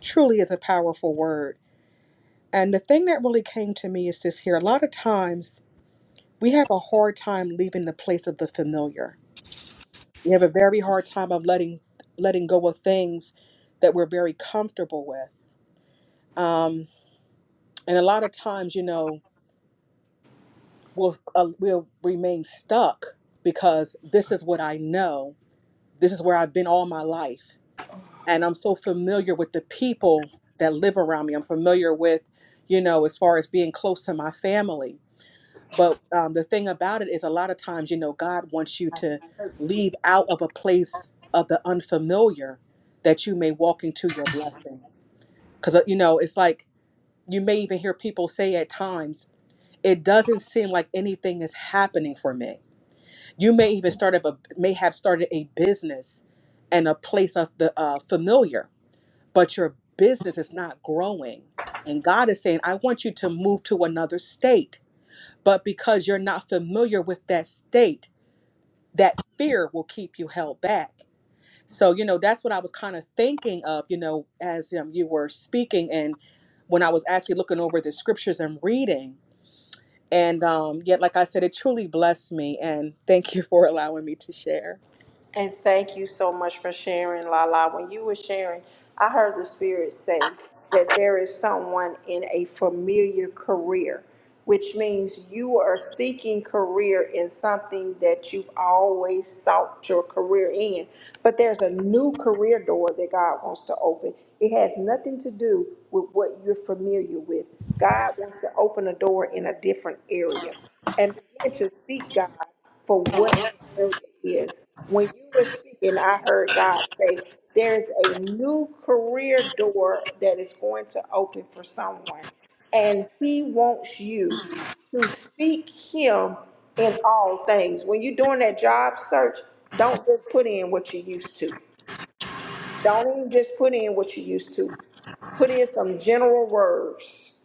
truly is a powerful word. And the thing that really came to me is this here a lot of times we have a hard time leaving the place of the familiar We have a very hard time of letting letting go of things that we're very comfortable with, um, and a lot of times, you know, we'll uh, we'll remain stuck because this is what I know. This is where I've been all my life, and I'm so familiar with the people that live around me. I'm familiar with, you know, as far as being close to my family But um, the thing about it is, a lot of times, you know, God wants you to leave out of a place of the unfamiliar that you may walk into your blessing. Because, you know, it's like you may even hear people say at times, it doesn't seem like anything is happening for me. You may even start up a, may have started a business and a place of the uh, familiar, but your business is not growing. And God is saying, I want you to move to another state but because you're not familiar with that state, that fear will keep you held back. So, you know, that's what I was kind of thinking of, you know, as um, you were speaking and when I was actually looking over the scriptures and reading. And um, yet, like I said, it truly blessed me. And thank you for allowing me to share.
And thank you so much for sharing, Lala. When you were sharing, I heard the Spirit say that there is someone in a familiar career which means you are seeking career in something that you've always sought your career in. But there's a new career door that God wants to open. It has nothing to do with what you're familiar with. God wants to open a door in a different area and begin to seek God for what the area is. When you were speaking, I heard God say, There is a new career door that is going to open for someone and he wants you to seek him in all things. When you're doing that job search, don't just put in what you used to. Don't even just put in what you used to. Put in some general words.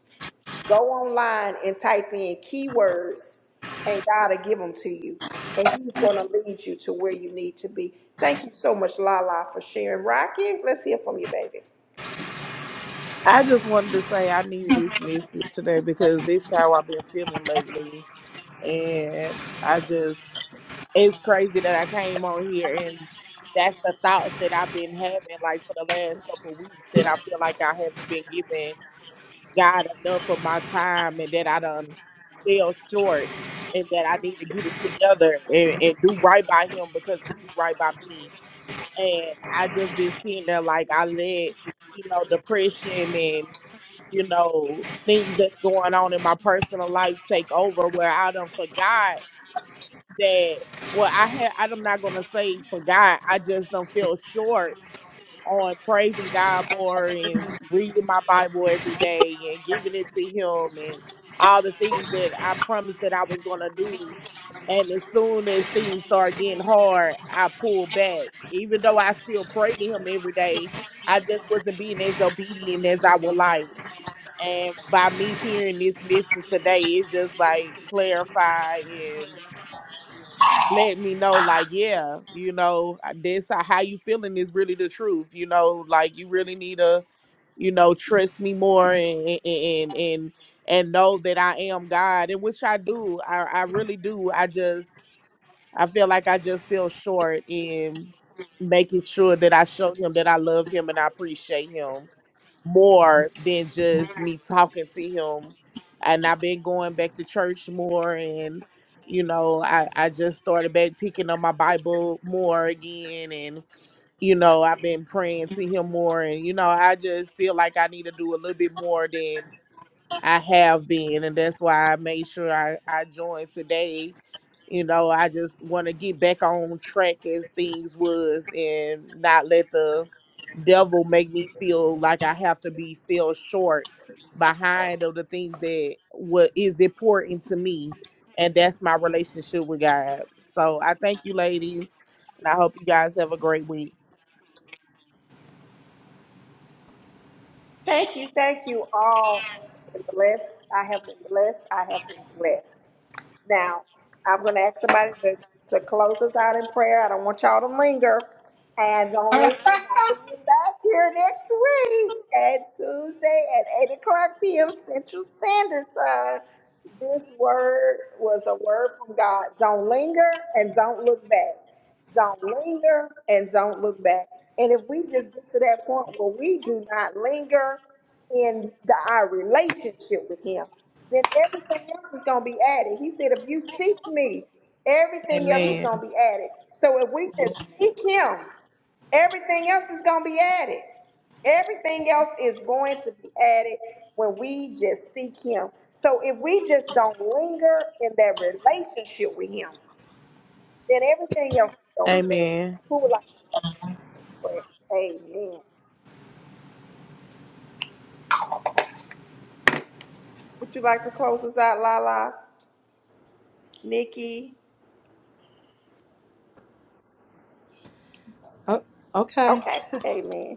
Go online and type in keywords, and God will give them to you. And He's going to lead you to where you need to be. Thank you so much, Lala, for sharing. Rocky, let's hear from you, baby.
I just wanted to say I needed this message today because this how I've been feeling lately, and I just it's crazy that I came on here and that's the thoughts that I've been having like for the last couple of weeks that I feel like I haven't been giving God enough of my time and that I done fell short and that I need to get it together and, and do right by Him because He do right by me and I just been sitting there like I let you know depression and you know, things that's going on in my personal life take over where I done forgot that well I had I'm not gonna say forgot, I just don't feel short on praising God more and reading my Bible every day and giving it to him and all the things that I promised that I was gonna do. And as soon as things start getting hard, I pull back. Even though I still pray to him every day, I just wasn't being as obedient as I would like. And by me hearing this message today, it just like clarify and let me know, like, yeah, you know, this how you feeling is really the truth. You know, like you really need to, you know, trust me more and and and and and know that I am God, and which I do. I I really do. I just I feel like I just feel short in making sure that I show him that I love him and I appreciate him more than just me talking to him. And I've been going back to church more and you know, I, I just started back picking up my Bible more again and you know, I've been praying to him more and you know, I just feel like I need to do a little bit more than I have been and that's why I made sure I, I joined today. You know, I just wanna get back on track as things was and not let the devil make me feel like I have to be feel short behind of the things that what is important to me, and that's my relationship with God. So I thank you, ladies, and I hope you guys have a great week.
Thank you, thank you all. I have been blessed. I have been blessed. I have been blessed. Now, I'm going to ask somebody to, to close us out in prayer. I don't want y'all to linger. And don't linger by being back here next week at Tuesday at 8 o'clock p.m. Central Standard Time. This word was a word from God. Don't linger and don't look back. Don't linger and don't look back. And if we just get to that point where we do not linger in the, our relationship with Him, then everything else is going to be added. He said, if you seek me, everything else is
Amen.
going to be added. So if we just seek Him, everything else is going to be added. Everything else is going to be added when we just seek Him. So if we just don't linger in that relationship with Him, then everything else is gonna be added.
Amen.
Who would like to close us out in prayer? Amen. Would you like to close us out, Lala? Nikki?
Oh, okay.
Okay, amen.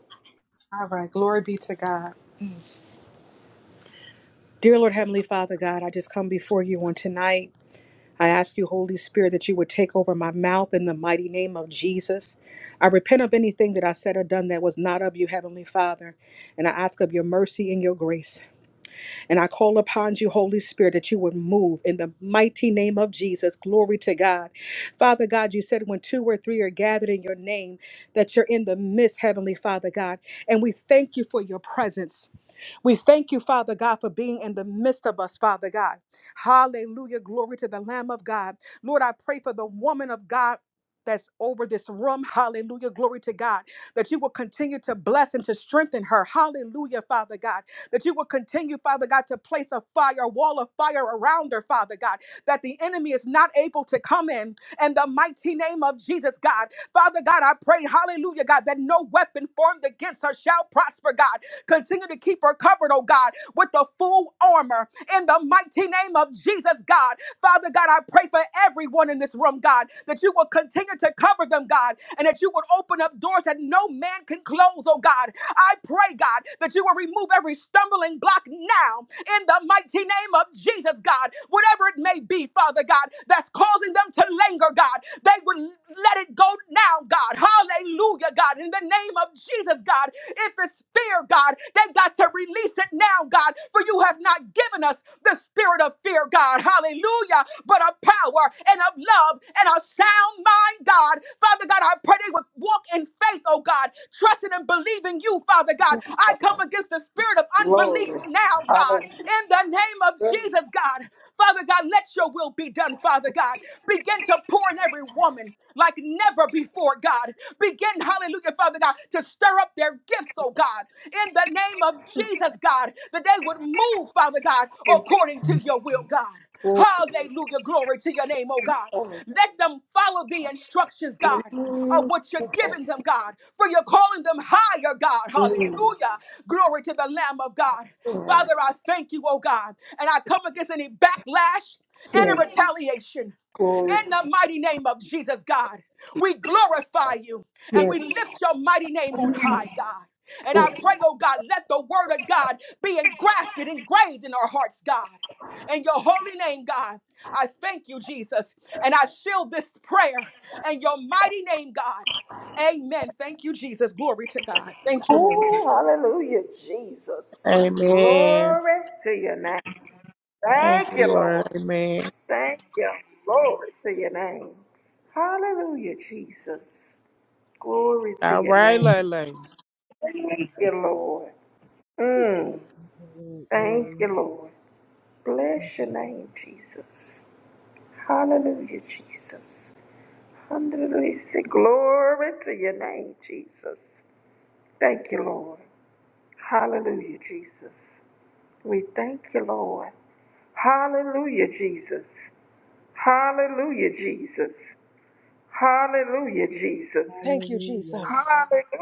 All right. Glory be to God. Dear Lord Heavenly Father, God, I just come before you on tonight. I ask you, Holy Spirit, that you would take over my mouth in the mighty name of Jesus. I repent of anything that I said or done that was not of you, Heavenly Father. And I ask of your mercy and your grace. And I call upon you, Holy Spirit, that you would move in the mighty name of Jesus. Glory to God. Father God, you said when two or three are gathered in your name, that you're in the midst, Heavenly Father God. And we thank you for your presence. We thank you, Father God, for being in the midst of us, Father God. Hallelujah. Glory to the Lamb of God. Lord, I pray for the woman of God. That's over this room. Hallelujah. Glory to God. That you will continue to bless and to strengthen her. Hallelujah, Father God. That you will continue, Father God, to place a fire, a wall of fire around her, Father God. That the enemy is not able to come in in the mighty name of Jesus, God. Father God, I pray, hallelujah, God, that no weapon formed against her shall prosper, God. Continue to keep her covered, oh God, with the full armor in the mighty name of Jesus, God. Father God, I pray for everyone in this room, God, that you will continue to cover them, God, and that you would open up doors that no man can close, oh God. I pray, God, that you will remove every stumbling block now in the mighty name of Jesus, God. Whatever it may be, Father God, that's causing them to to linger, God. They would let it go now, God. Hallelujah, God. In the name of Jesus, God. If it's fear, God, they got to release it now, God. For you have not given us the spirit of fear, God. Hallelujah. But of power and of love and a sound mind, God. Father God, I pray they would walk in faith, oh God, trusting and believing you, Father God. I come against the spirit of unbelief now, God. In the name of Jesus, God. Father God, let your will be done, Father God. Begin to pour in every woman like never before, God. Begin, hallelujah, Father God, to stir up their gifts, oh God, in the name of Jesus, God, that they would move, Father God, according to your will, God. Hallelujah, glory to your name, oh God. Let them follow the instructions, God, of what you're giving them, God, for you're calling them higher, God. Hallelujah, glory to the Lamb of God. Father, I thank you, oh God, and I come against any backlash, any retaliation. In the mighty name of Jesus, God, we glorify you and we lift your mighty name on high, God. And I pray, oh God, let the word of God be engrafted, engraved in our hearts, God. In your holy name, God, I thank you, Jesus. And I seal this prayer in your mighty name, God. Amen. Thank you, Jesus. Glory to God. Thank you, Lord.
Amen. Thank you, Lord. Amen. All right, Lele.
Thank you,
Hallelujah.
Jesus.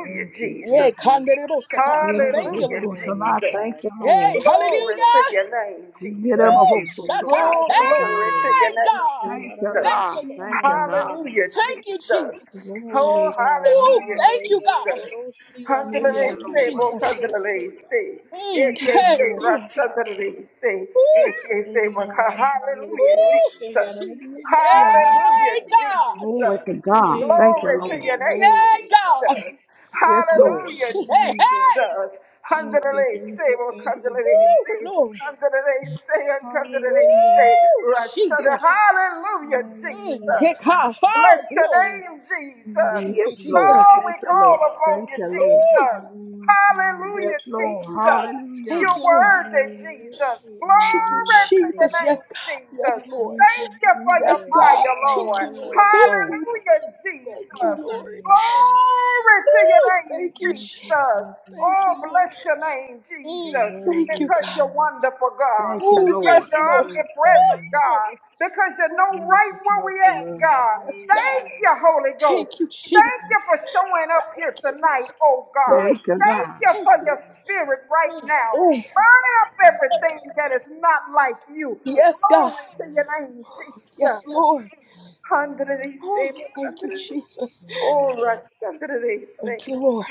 Thank you,
Yay,
Jesus.
Kandere Bosatai.
Get up a
Thank you,
whole
Lord.
sort of
Glory,
I thank
God.
you, Lord.
Yay,
Hallelujah,
hallelujah.
God.
Get up a
Thank
Woo!
whole
you,
sort of I
Shatai.
Jesus.
thank you,
Thank
Lord.
you. Glory,
Hey, God.
Thank you,
Jesus.
God.
Thank
God.
you, Lord.
Thank you,
Hallelujah.
God.
Hallelujah,
Thank you,
Jesus.
Jesus.
Oh,
Woo!
hallelujah,
Thank
Mm.
you, God.
Jesus. Handle
Thank you,
Thank you,
say,
Lord.
both
Jesus.
handle say.
Mm,
If they
hey,
say,
glory.
Glory, God.
Rasandale say. If
Woo!
they say,
Hey,
Maka,
God.
hallelujah,
Woo!
Hallelujah.
Jesus.
Jesus.
Hallelujah,
Hey, God.
Glory
Jesus.
to God.
Hey,
Thank you,
Glory
God.
to your
Lord.
name,
Yeah,
Glory,
God.
God.
Jesus.
Yes,
Woo,
Thank
Lord.
you,
Hallelujah,
she- Hey, hey.
Jesus.
Jesus.
Thank you,
Handalele,
Jesus.
thank
say,
you,
oh,
thank you,
handalele,
Woo!
say,
Jesus.
Glory.
handalele, say, and handalele,
Hallelujah.
say,
Woo!
Rashada.
Jesus.
Hallelujah,
Mm,
Hallelujah,
yeah,
Jesus.
God.
Jesus.
Oh,
Bless your
glory.
name,
Thank
Jesus.
you,
Thank
Yes,
you,
Lord.
Oh,
Jesus.
Jesus.
we
Thank you,
call
Lord.
upon
Thank
you,
you, Lord.
Thank
Woo!
you,
Jesus.
Lord God.
Yes,
You,
Hallelujah,
thank
Lord.
you, God.
Jesus.
Hallelujah.
Thank
You're
you, Lord.
worthy,
Hallelujah.
Jesus.
Thank you,
Glory
Hallelujah.
to your
Jesus.
Hallelujah.
name,
Yes, God.
Jesus.
Yes, Lord.
Thank you,
Thank you for your
Yes,
Jesus.
God.
fire,
Thank
Lord.
you, Lord.
Yes,
Thank
Hallelujah.
Lord.
you.
Hallelujah,
Thank you,
Thank
Jesus.
you,
Lord.
Lord God.
Glory to your
Ooh,
name,
thank you,
Thank you,
Jesus.
Jesus.
Jesus.
Thank
Oh,
you, Lord.
bless your name,
You're
Mm,
Jesus,
thank you,
worthy,
because you're
God.
God.
wonderful, God,
Thank you,
Ooh,
because
Lord.
yes,
you're
Lord.
Yes,
omnipresent,
Ooh,
God.
God,
glory.
because you
Ooh,
know right
Wonderful
where we at,
counselor.
God.
yes, God.
Thank
Hallelujah,
you,
God.
Holy
Thank
Ghost.
you,
Thank
Thank
you
Jesus.
for
you,
showing
Jesus.
up here
Thank you.
tonight, oh
Thank
Ooh,
God.
you,
Thank
Thank
you
God.
you
for
thank
for
you.
your
showing up.
spirit right now.
Hey,
Burn up
Thank you,
everything that is
Jesus.
not like you.
yes, God.
Glory to
Thank
your
you,
name,
Jesus.
Yes, Lord.
Jesus. Handrese,
Oh, thank you,
handre-
Jesus.
Oh, Rashandrese.
Thank you, Lord.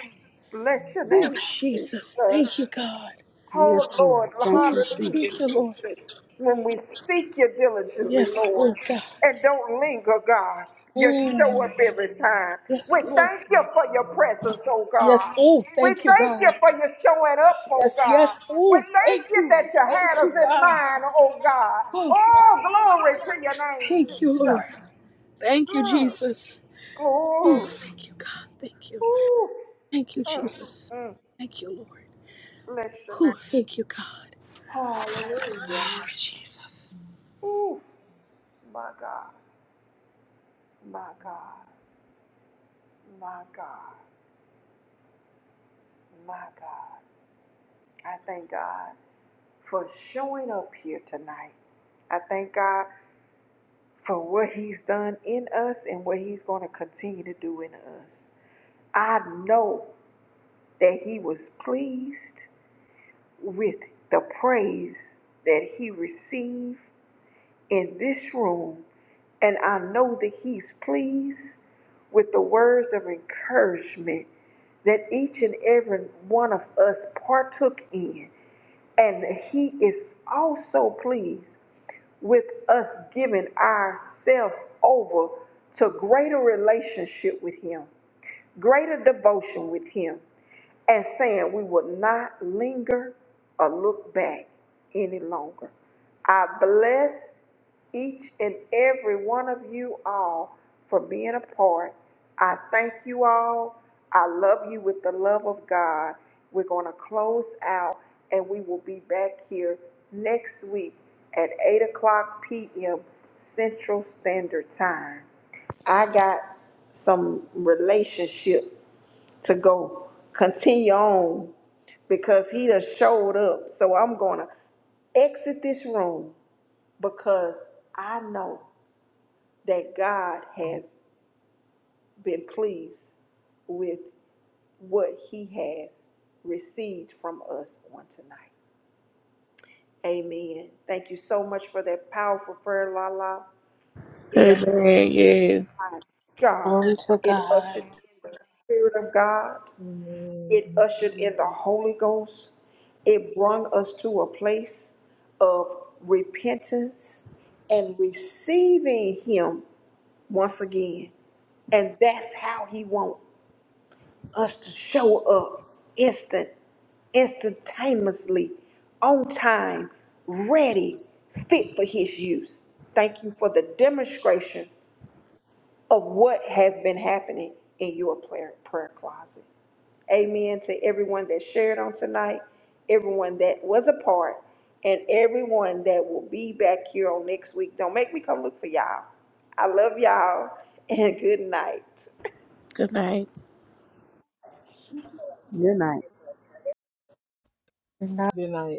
Bless your
Oh,
name,
Jesus.
Jesus.
Thank you, God.
Yes,
Oh,
Lord.
Lord,
Thank
Oh,
you, Jesus.
hallelujah,
thank you, Lord.
Jesus. When we seek you diligently,
Yes,
Lord,
Lord God.
and don't linger, God, you show
Mm.
up every time. We
Yes, Lord.
thank you for your presence, oh
Yes,
God.
oh,
We
thank you,
thank you
God.
for your showing up, oh
Yes,
God.
yes,
We
oh, thank
thank you
you.
that you
Thank
had us
you,
in
God.
mind, oh God.
Oh,
Oh, glory to your name,
thank you, Lord.
Jesus.
Thank you,
Glory
Jesus. Oh,
to
thank you, God. Thank you. Thank you, Jesus. Thank you, Lord. Oh, thank you, God. Oh, Jesus.
us and what he's going to continue to do in us. I know that he was pleased with the praise that he received in this room, and I know that he's pleased with the words of encouragement that each and every one of us partook in. And he is also pleased with us with next week at 8 o'clock p.m. Central Standard Time. I got some relationship to go continue on because he done showed up. So I'm going to exit this room because I know that God has been pleased with what he has received from us on tonight. Amen. Thank you so much for that powerful prayer, Lala. It amplified
Amen. Yes.
God.
Glory to
It
God.
ushered in the Spirit of God. It ushered in the Holy Ghost. It brought us to a place of repentance and receiving Him once again. And that's how He wants us to show up instant, instantaneously, on time, ready, fit for His use. Thank you for the demonstration of what has been happening in your prayer, prayer closet. Amen to everyone that shared on tonight, everyone that was a part, and everyone that will be back here on next week. Don't make me come look for y'all. I love y'all *laughs* and good night.
Good night.
Good night.
Good night.